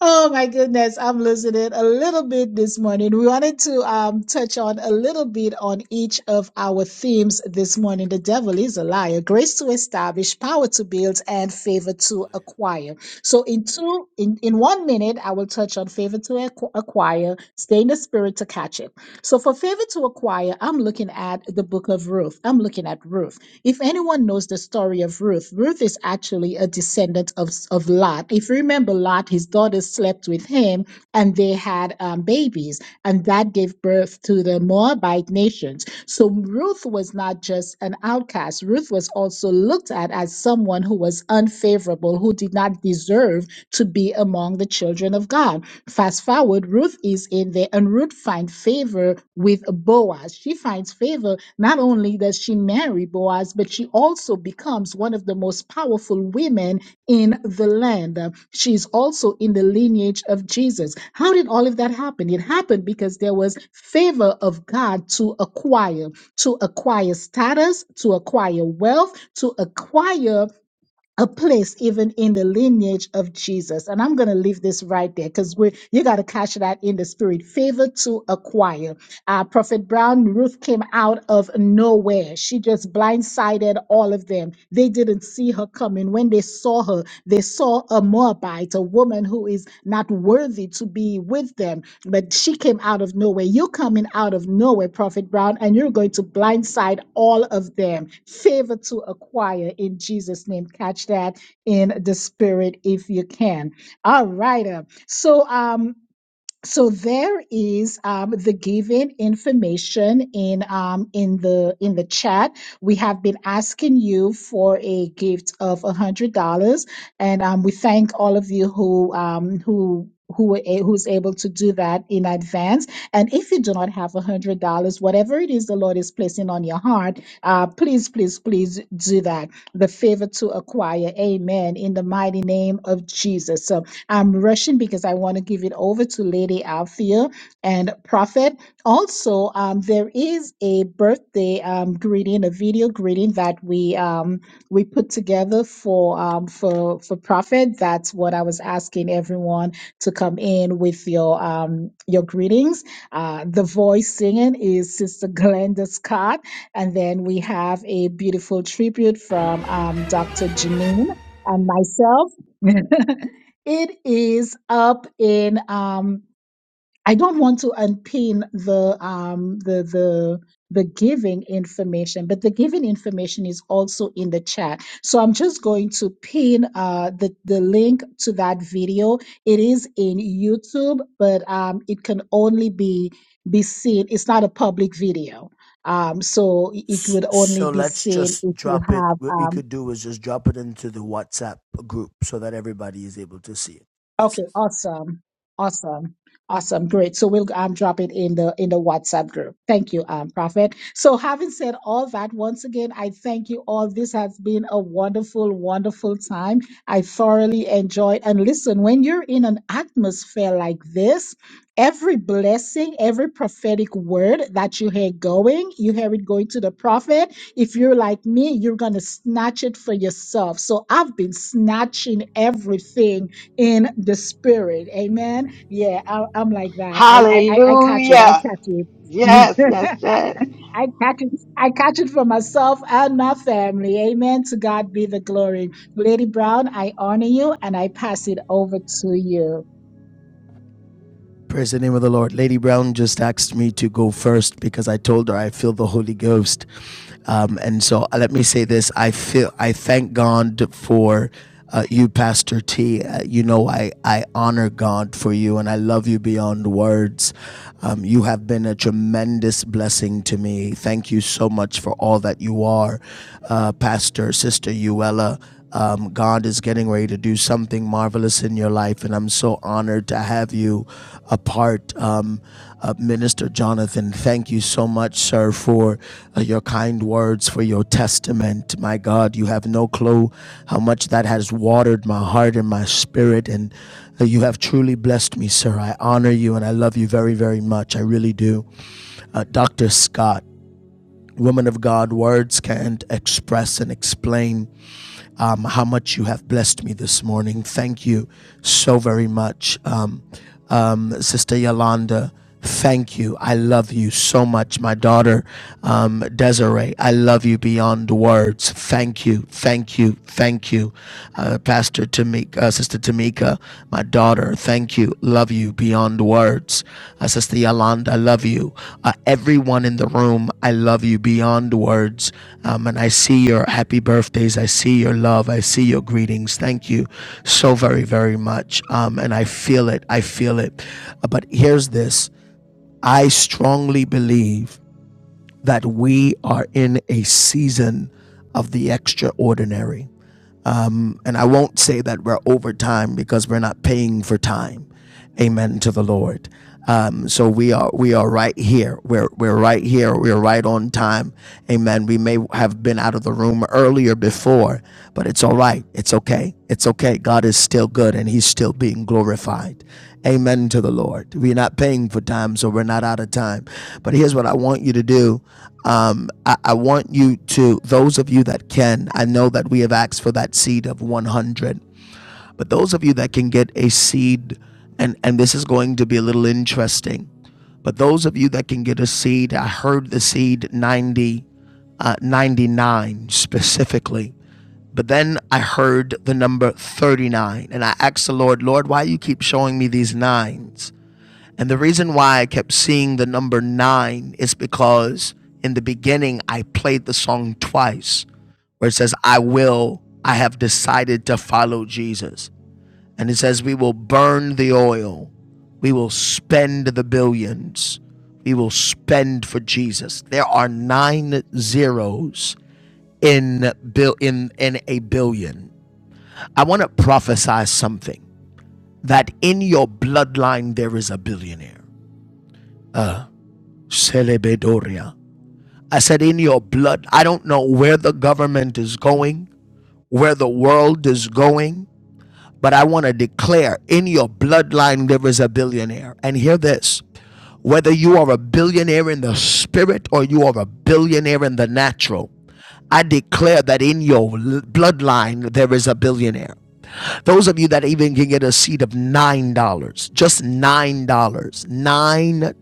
Oh my goodness, I'm listening a little bit this morning. We wanted to um, touch on a little bit on each of our themes this morning. The devil is a liar, grace to establish, power to build, and favor to acquire. So in two, in, in one minute, I will touch on favor to acqu- acquire, stay in the spirit to catch it. So for favor to acquire, I'm looking at the book of Ruth. I'm looking at Ruth. If anyone knows the story of Ruth, Ruth is actually a descendant of, of Lot. If you remember Lot, his daughters slept with him and they had um, babies, and that gave birth to the Moabite nations. So Ruth was not just an outcast. Ruth was also looked at as someone who was unfavorable, who did not deserve to be among the children of God. Fast forward, Ruth is in there, and Ruth finds favor with Boaz. She finds favor. Not only does she marry Boaz, but she also becomes one of the most powerful women in the land. Uh, She's also in the lineage of Jesus. How did all of that happen? It happened because there was favor of God to acquire, to acquire status, to acquire wealth, to acquire a place even in the lineage of Jesus. And I'm going to leave this right there because we you got to catch that in the spirit. Favor to acquire. Uh, Prophet Brown, Ruth came out of nowhere. She just blindsided all of them. They didn't see her coming. When when they saw her, they saw a Moabite, a woman who is not worthy to be with them, but she came out of nowhere. You're coming out of nowhere, Prophet Brown, and you're going to blindside all of them. Favor to acquire in Jesus' name. Catch that in the spirit if you can. All right. uh, So, um, so there is um, the given information in um, in the in the chat. We have been asking you for a gift of a hundred dollars, and um, we thank all of you who um, who. Who were a, who's able to do that in advance? And if you do not have a hundred dollars, whatever it is the Lord is placing on your heart, uh, please, please, please do that. The favor to acquire, Amen. In the mighty name of Jesus. So I'm rushing because I want to give it over to Lady Althea and Prophet. Also, um, there is a birthday um, greeting, a video greeting that we um, we put together for um, for for Prophet. That's what I was asking everyone to come in with your um, your greetings. Uh, the voice singing is Sister Glenda Scott, and then we have a beautiful tribute from um, Dr. Janine and myself. It is up in um I don't want to unpin the um the the the giving information, but the giving information is also in the chat. So I'm just going to pin uh the, the link to that video. It is in YouTube, but um it can only be be seen. It's not a public video. Um so it it would only So be let's seen just if you drop it. have What we um could do is just drop it into the WhatsApp group so that everybody is able to see it. Yes, Okay, yes. awesome. Awesome. Awesome. Great. So we'll um, drop it in the in the WhatsApp group. Thank you, um, Prophet. So having said all that, once again, I thank you all. This has been a wonderful, wonderful time. I thoroughly enjoyed. And listen, when you're in an atmosphere like this, every blessing, every prophetic word that you hear going, you hear it going to the prophet. If you're like me, you're gonna snatch it for yourself. So I've been snatching everything in the spirit. Amen. Yeah, I, I'm like that. I, I I I catch it. I Hallelujah. catch it. Yes, yes, yes. I catch it. I catch it for myself and my family. Amen. To God be the glory. Lady Brown, I honor you and I pass it over to you. Praise the name of the Lord. Lady Brown just asked me to go first because I told her I feel the Holy Ghost. Um, and so uh, let me say this: I feel I thank God for uh, you, Pastor T. Uh, you know I I honor God for you, and I love you beyond words. Um, you have been a tremendous Um, and I won't say that we're over time because we're not paying for time. Amen to the Lord. Um, so we are we are right here. We're we're right here. We're right on time. Amen. We may have been out of the room earlier before, but it's all right. It's okay. It's okay. God is still good and He's still being glorified. Amen to the Lord. We're not paying for time, so we're not out of time. But here's what I want you to do. Um, I, I want you to, those of you that can, I know that we have asked for that seed 100. But those of you that can get a seed, and, and this is going to be a little interesting, but those of you that can get a seed, I heard the seed 90, uh, 99 specifically. But then I heard the number 39, and I asked the Lord, Lord, why you keep showing me these nines? And the reason why I kept seeing the number nine is because in the beginning I played the song twice, where it says, I will, I have decided to follow Jesus. And it says, We will burn the oil. We will spend the billions. We will spend for Jesus. There are nine zeros in, bill, in, in a billion. I want to prophesy something that in your bloodline there is a billionaire. Celebedoria. I said, in your blood, I don't know where the government is going, where the world is going, but I want to declare in your bloodline there is a billionaire. And hear this Whether you are a billionaire in the spirit or you are a billionaire in the natural, I declare that in your bloodline there is a billionaire. Those of you that even can get a seed of $9, just $9, dollars, $9.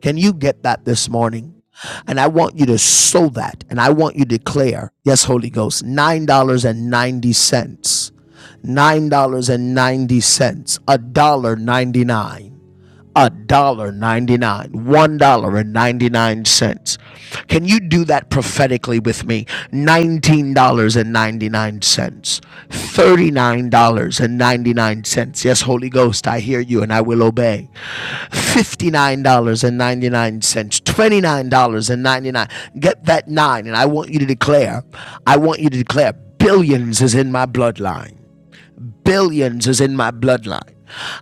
Can you get that this morning? And I want you to sow that and I want you to declare, yes, Holy Ghost, $9.90, $9.90, a dollar ninety cents, nine. dollars and ninety cents, a dollar ninety-nine a dollar 99 one dollar and 99 cents can you do that prophetically with me nineteen dollars and 99 cents thirty nine dollars and 99 cents yes holy ghost i hear you and i will obey fifty nine dollars and 99 cents twenty nine dollars and 99 cents. get that nine and i want you to declare i want you to declare billions is in my bloodline billions is in my bloodline.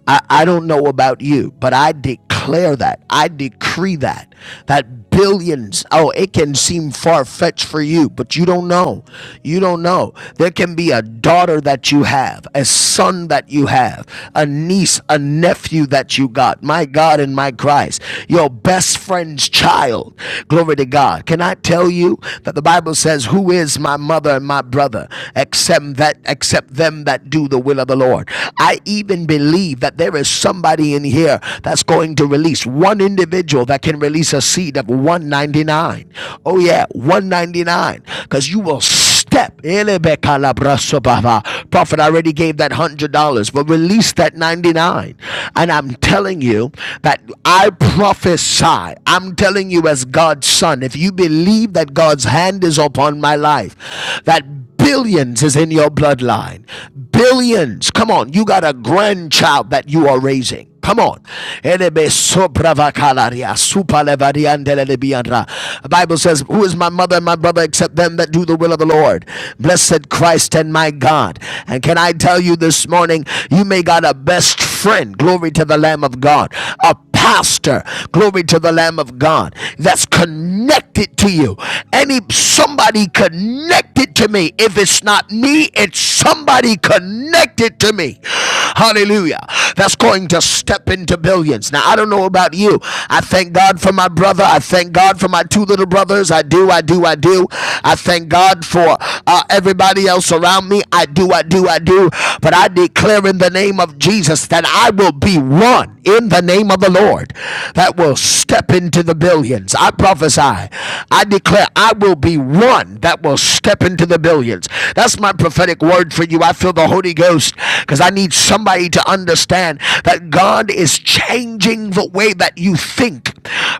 I, I don't know about you, but I declare that. I decree that. That billions, oh, it can seem far fetched for you, but you don't know. You don't know. There can be a daughter that you have, a son that you have, a niece, a nephew that you got. My God and my Christ, your best friend's child. Glory to God. Can I tell you that the Bible says, Who is my mother? mother and my brother except that except them that do the will of the Lord. I even believe that there is somebody in here that's going to release one individual that can release a seed of 199. Oh yeah, 199 cuz you will see step. Elebekalabrasobaba. Prophet I already gave that $100, but release that 99. And I'm telling you that I prophesy. I'm telling you as God's son, if you believe that God's hand is upon my life, that billions is in your bloodline. Billions. Come on, you got a grandchild that you are raising. Come on. Elebe sobravakalaria, supalevariandelelebiandra. The Bible says, Who is my mother and my brother except them that do the will of the Lord? Blessed Christ and my God. And can I tell you this morning, you may got a best friend. Glory to the Lamb of God. A pastor. Glory to the Lamb of God. That's connected to you. Any somebody connected to me. If it's not. It's not me, it's somebody connected to me. Hallelujah. That's going to step into billions. Now, I don't know about you. I thank God for my brother. I thank God for my two little brothers. I do, I do, I do. I thank God for uh, everybody else around me. I do, I do, I do. But I declare in the name of Jesus that I will be one in the name of the Lord that will step into the billions billions. I prophesy. I declare I will be one that will step into the billions. That's my prophetic word for you. I feel the Holy Ghost because I need somebody to understand that God is changing the way that you think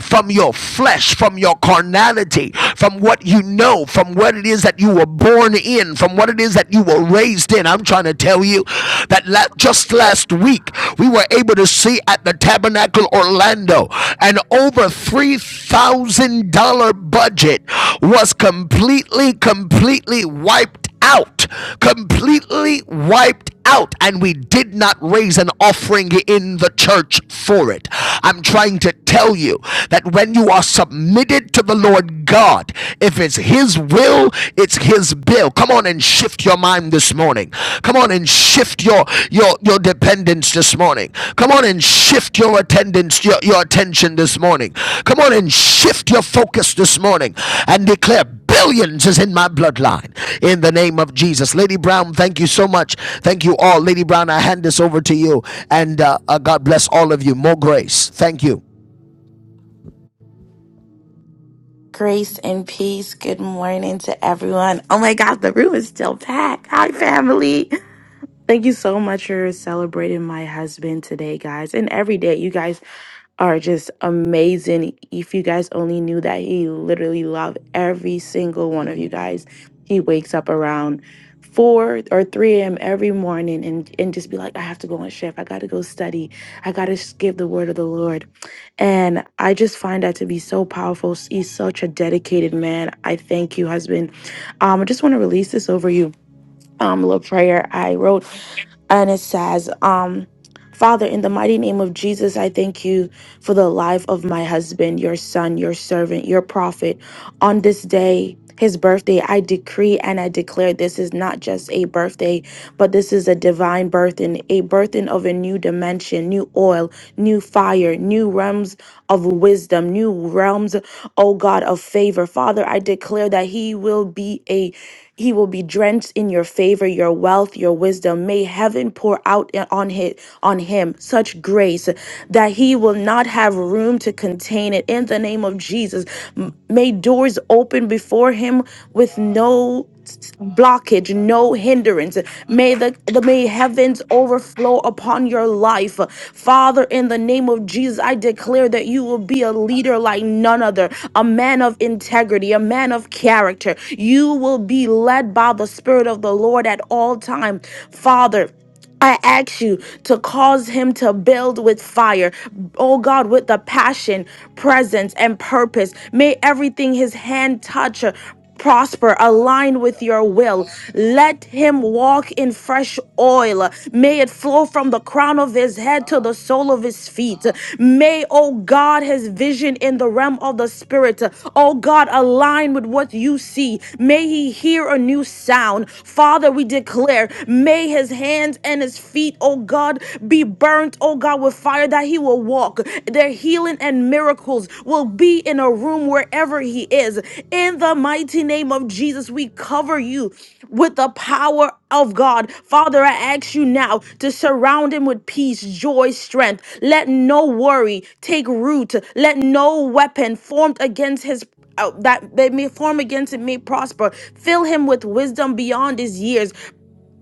from your flesh, from your carnality, from what you know, from what it is that you were born in, from what it is that you were raised in. I'm trying to tell you that just just last week, we were able to see at the Tabernacle Orlando an over $3,000 budget was completely, completely wiped out, completely wiped out, and we did not raise an offering in the church for it. I'm trying to tell you that when you are submitted to the Lord God, if it's His will, it's his bill. Come on and shift your mind this morning. Come on and shift your your your dependence this morning. Come on and shift your attendance your, your attention this morning. Come on and shift your focus this morning and declare billions is in my bloodline in the name of Jesus. Lady Brown, thank you so much. Thank you all. Lady Brown, I hand this over to you and uh, uh, God bless all of you. More grace. Thank you. Grace and peace. Good morning to everyone. Oh my God, the room is still packed. Hi, family. Thank you so much for celebrating my husband today, guys, and every day, you guys. are just amazing. If you guys only knew that he literally loved every single one of you guys. He wakes up around four or three a.m. every morning and and just be like, I have to go on shift. I got to go study. I got to give the word of the Lord. And I just find that to be so powerful. He's such a dedicated man. I thank you, husband. Um, I just want to release this over you um little prayer I wrote and it says, um, Father, in the mighty name of Jesus, I thank you for the life of my husband, your son, your servant, your prophet. On this day, his birthday, I decree and I declare this is not just a birthday, but this is a divine birthing, a birthing of a new dimension, new oil, new fire, new realms of wisdom, new realms, oh God, of favor. Father, I declare that he will be a he will be drenched in your favor, your wealth, your wisdom. May heaven pour out on him on him such grace that he will not have room to contain it in the name of Jesus. M- May doors open before him with no s- blockage no hindrance may the, the may heavens overflow upon your life father in the name of jesus i declare that you will be a leader like none other a man of integrity a man of character you will be led by the spirit of the lord at all time father I ask you to cause him to build with fire, oh God, with the passion, presence, and purpose. May everything his hand touch uh, prosper, align with your will. Let him walk in fresh oil. May it flow from the crown of his head to the sole of his feet. May, oh God, his vision in the realm of the spirit, uh, oh God, align with what you see. May he hear a new sound. Father, we declare, may May his hands and his feet, oh God, be burnt, oh God, with fire that he will walk. Their healing and miracles will be in a room wherever he is. In the mighty name of Jesus, we cover you with the power of God. Father, I ask you now to surround him with peace, joy, strength. Let no worry take root. Let no weapon formed against his uh, that they may form against it may prosper. Fill him with wisdom beyond his years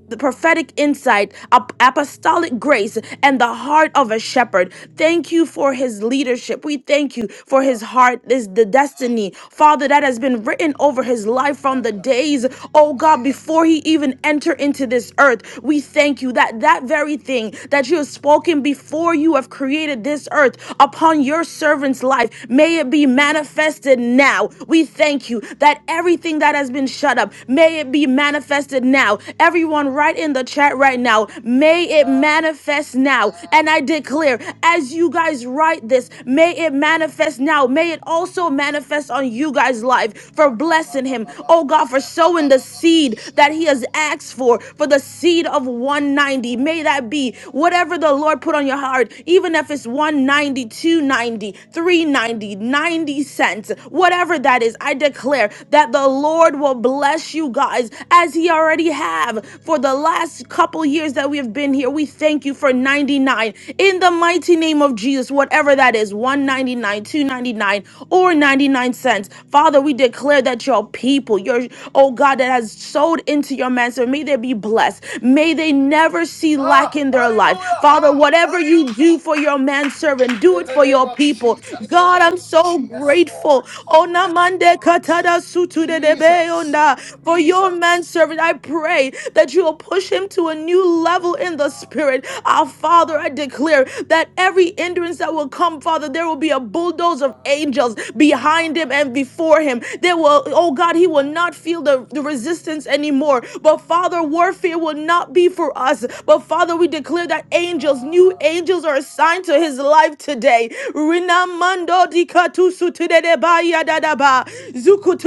the prophetic insight, ap- apostolic grace, and the heart of a shepherd. Thank you for his leadership. We thank you for his heart, this the destiny, Father, that has been written over his life from the days, oh God, before he even entered into this earth. We thank you that that very thing that you have spoken before you have created this earth upon your servant's life, may it be manifested now. We thank you that everything that has been shut up, may it be manifested now now. Everyone, right in the chat right now, may it manifest now. And I declare, as you guys write this, may it manifest now. May it also manifest on you guys' life for blessing him. Oh God, for sowing the seed that he has asked for, for the seed of 190. May that be whatever the Lord put on your heart, even if it's one ninety, two ninety, three ninety, ninety cents, whatever that is. I declare that the Lord will bless you guys as as he already have for the last couple years that we have been here. We thank you for 99 in the mighty name of Jesus, whatever that is, 199, 299, or 99 cents. Father, we declare that your people, your oh God, that has sowed into your master, may they be blessed. May they never see lack in their life. Father, whatever you do for your manservant, do it for your people. God, I'm so grateful. Onamande katada sutu de debe onda, for for your manservant. I pray that you will push him to a new level in the spirit. Our Father, I declare that every hindrance that will come, Father, there will be a bulldoze of angels behind him and before him. There will, oh God, he will not feel the, the resistance anymore. But Father, warfare will not be for us. But Father, we declare that angels, new angels are assigned to his life today. Rinamando dikatusu tudedeba yadadaba. Zuku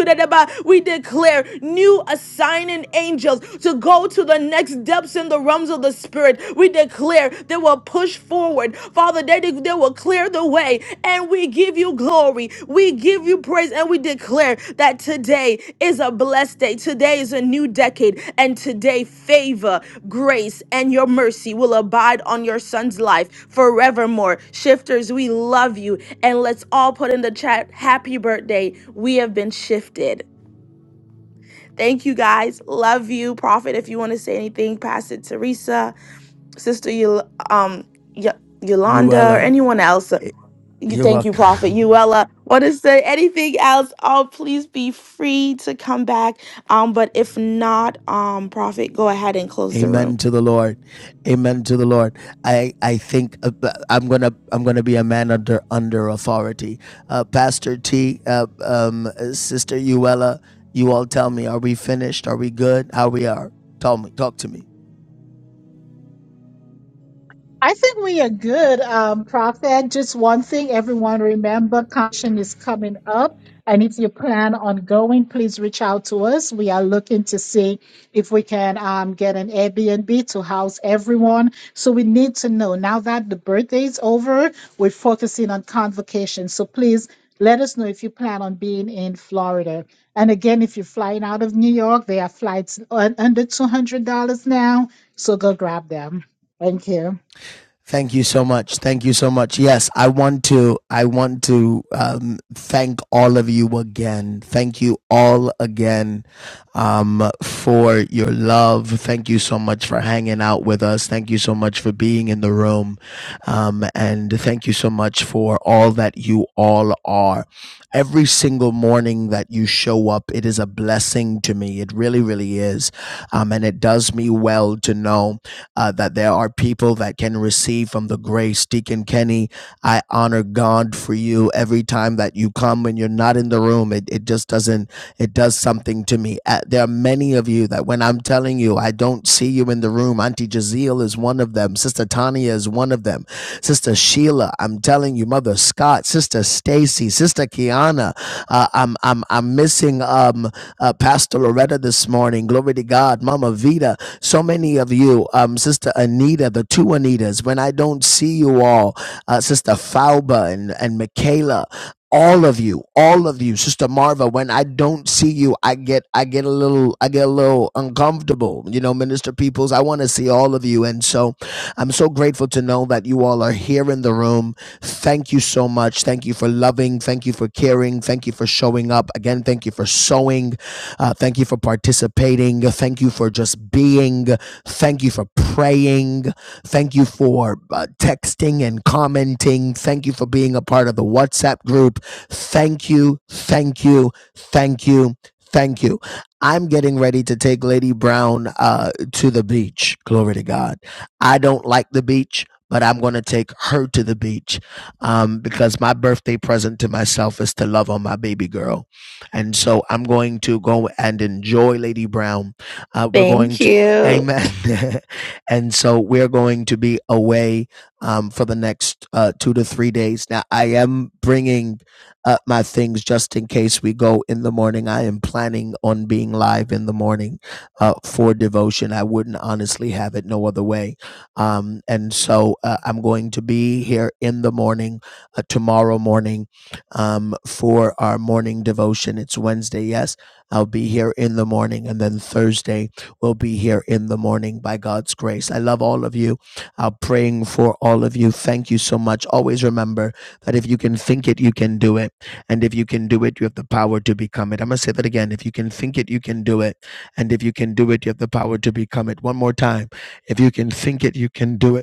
We declare declare new assigning angels to go to the next depths in the realms of the spirit. We declare they will push forward. Father, they, they will clear the way. And we give you glory. We give you praise. And we declare that today is a blessed day. Today is a new decade. And today, favor, grace, and your mercy will abide on your son's life forevermore. Shifters, we love you. And let's all put in the chat happy birthday. We have been shifted. Thank you guys. Love you, Prophet. If you want to say anything, pass it to Teresa, Sister Yol- um y- You are, Yolanda, or uh, anyone else. You you thank are you, Prophet Uella. Want to say anything else? Oh, please be free to come back. Um, but if not, um, Prophet, go ahead and close the Amen room. to the Lord. Amen to the Lord. I I think uh, I'm gonna I'm gonna be a man under under authority. Uh, Pastor T, uh, um, Sister Uella, you all tell me, are we finished? Are we good? How we are? Tell me. Talk to me. I think we are good, um, Prophet. Just one thing, everyone remember, caution is coming up. And if you plan on going, please reach out to us. We are looking to see if we can um, get an Airbnb to house everyone. So we need to know now that the birthday is over, we're focusing on convocation. So please let us know if you plan on being in Florida. And again, if you're flying out of New York, there are flights un- under $200 now. So go grab them. Thank you. Thank you so much. Thank you so much. Yes, I want to. I want to um, thank all of you again. Thank you all again um, for your love. Thank you so much for hanging out with us. Thank you so much for being in the room. Um, and thank you so much for all that you all are. Every single morning that you show up, it is a blessing to me. It really, really is. Um, and it does me well to know uh, that there are people that can receive from the grace. Deacon Kenny, I honor God for you every time that you come when you're not in the room. It, it just doesn't, it does something to me. Uh, there are many of you that when I'm telling you, I don't see you in the room. Auntie Jazeel is one of them. Sister Tanya is one of them. Sister Sheila, I'm telling you, Mother Scott, Sister Stacy, Sister Kiana. Uh, I'm I'm I'm missing um uh, Pastor Loretta this morning. Glory to God, Mama Vita. So many of you, um, Sister Anita, the two Anitas. When I don't see you all, uh, Sister Fauba and and Michaela all of you all of you sister marva when i don't see you i get i get a little i get a little uncomfortable you know minister peoples i want to see all of you and so i'm so grateful to know that you all are here in the room thank you so much thank you for loving thank you for caring thank you for showing up up. Again, thank you for sowing. Uh, thank you for participating. Thank you for just being. Thank you for praying. Thank you for uh, texting and commenting. Thank you for being a part of the WhatsApp group. Thank you. Thank you. Thank you. Thank you. I'm getting ready to take Lady Brown uh, to the beach. Glory to God. I don't like the beach, but I'm going to take her to the beach um, because my birthday present to myself is to love on my baby girl. And so I'm going to go and enjoy Lady Brown. Uh, we're going Thank to, you. amen. and so we're going to be away um, for the next uh, two to three days. Now, I am bringing uh, my things just in case we go in the morning. I am planning on being live in the morning uh, for devotion. I wouldn't honestly have it no other way. Um, and so uh, I'm going to be here in the morning, uh, tomorrow morning um, for our morning devotion. It's Wednesday, yes. I'll be here in the morning, and then Thursday we'll be here in the morning by God's grace. I love all of you. I'm praying for all of you. Thank you so much. Always remember that if you can think it, you can do it. And if you can do it, you have the power to become it. I'm going to say that again. If you can think it, you can do it. And if you can do it, you have the power to become it. One more time. If you can think it, you can do it.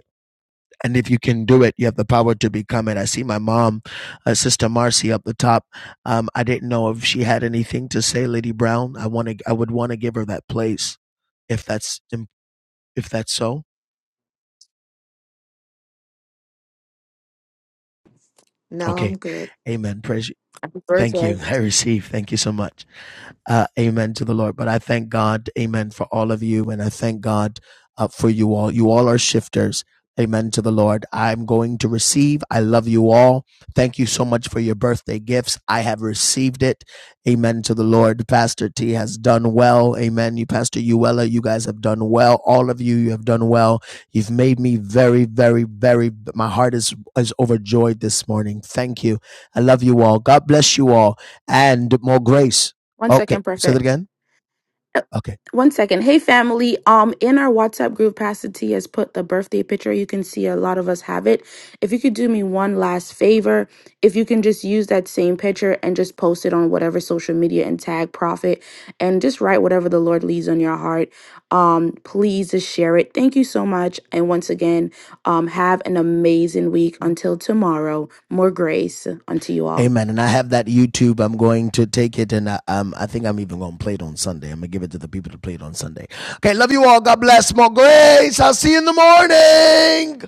And if you can do it, you have the power to become it. I see my mom, uh, Sister Marcy, up the top. Um, I didn't know if she had anything to say, Lady Brown. I want to. I would want to give her that place if that's im- if that's so. No, I'm Okay, good. Amen. Praise Thank Birthday. you. I receive. Thank you so much. Uh, amen to the Lord. But I thank God. Amen for all of you. And I thank God uh, for you all. You all are shifters. Amen to the Lord. I'm going to receive. I love you all. Thank you so much for your birthday gifts. I have received it. Amen to the Lord. Pastor T has done well. Amen. You, Pastor Uella, you guys have done well. All of you, you have done well. You've made me very, very, very, my heart is, is overjoyed this morning. Thank you. I love you all. God bless you all and more grace. One Okay. second, Say that Prophet. again. Uh, Okay. One second. Hey family. Um in our WhatsApp group, Pastor T has put the birthday picture. You can see a lot of us have it. If you could do me one last favor, if you can just use that same picture and just post it on whatever social media and tag Prophet and just write whatever the Lord leads on your heart. Um, please just share it. Thank you so much. And once again, um, have an amazing week. Until tomorrow, more grace unto you all. Amen. And I have that YouTube. I'm going to take it and I, um, I think I'm even going to play it on Sunday. I'm going to give it to the people to play it on Sunday. Okay. Love you all. God bless. More grace. I'll see you in the morning.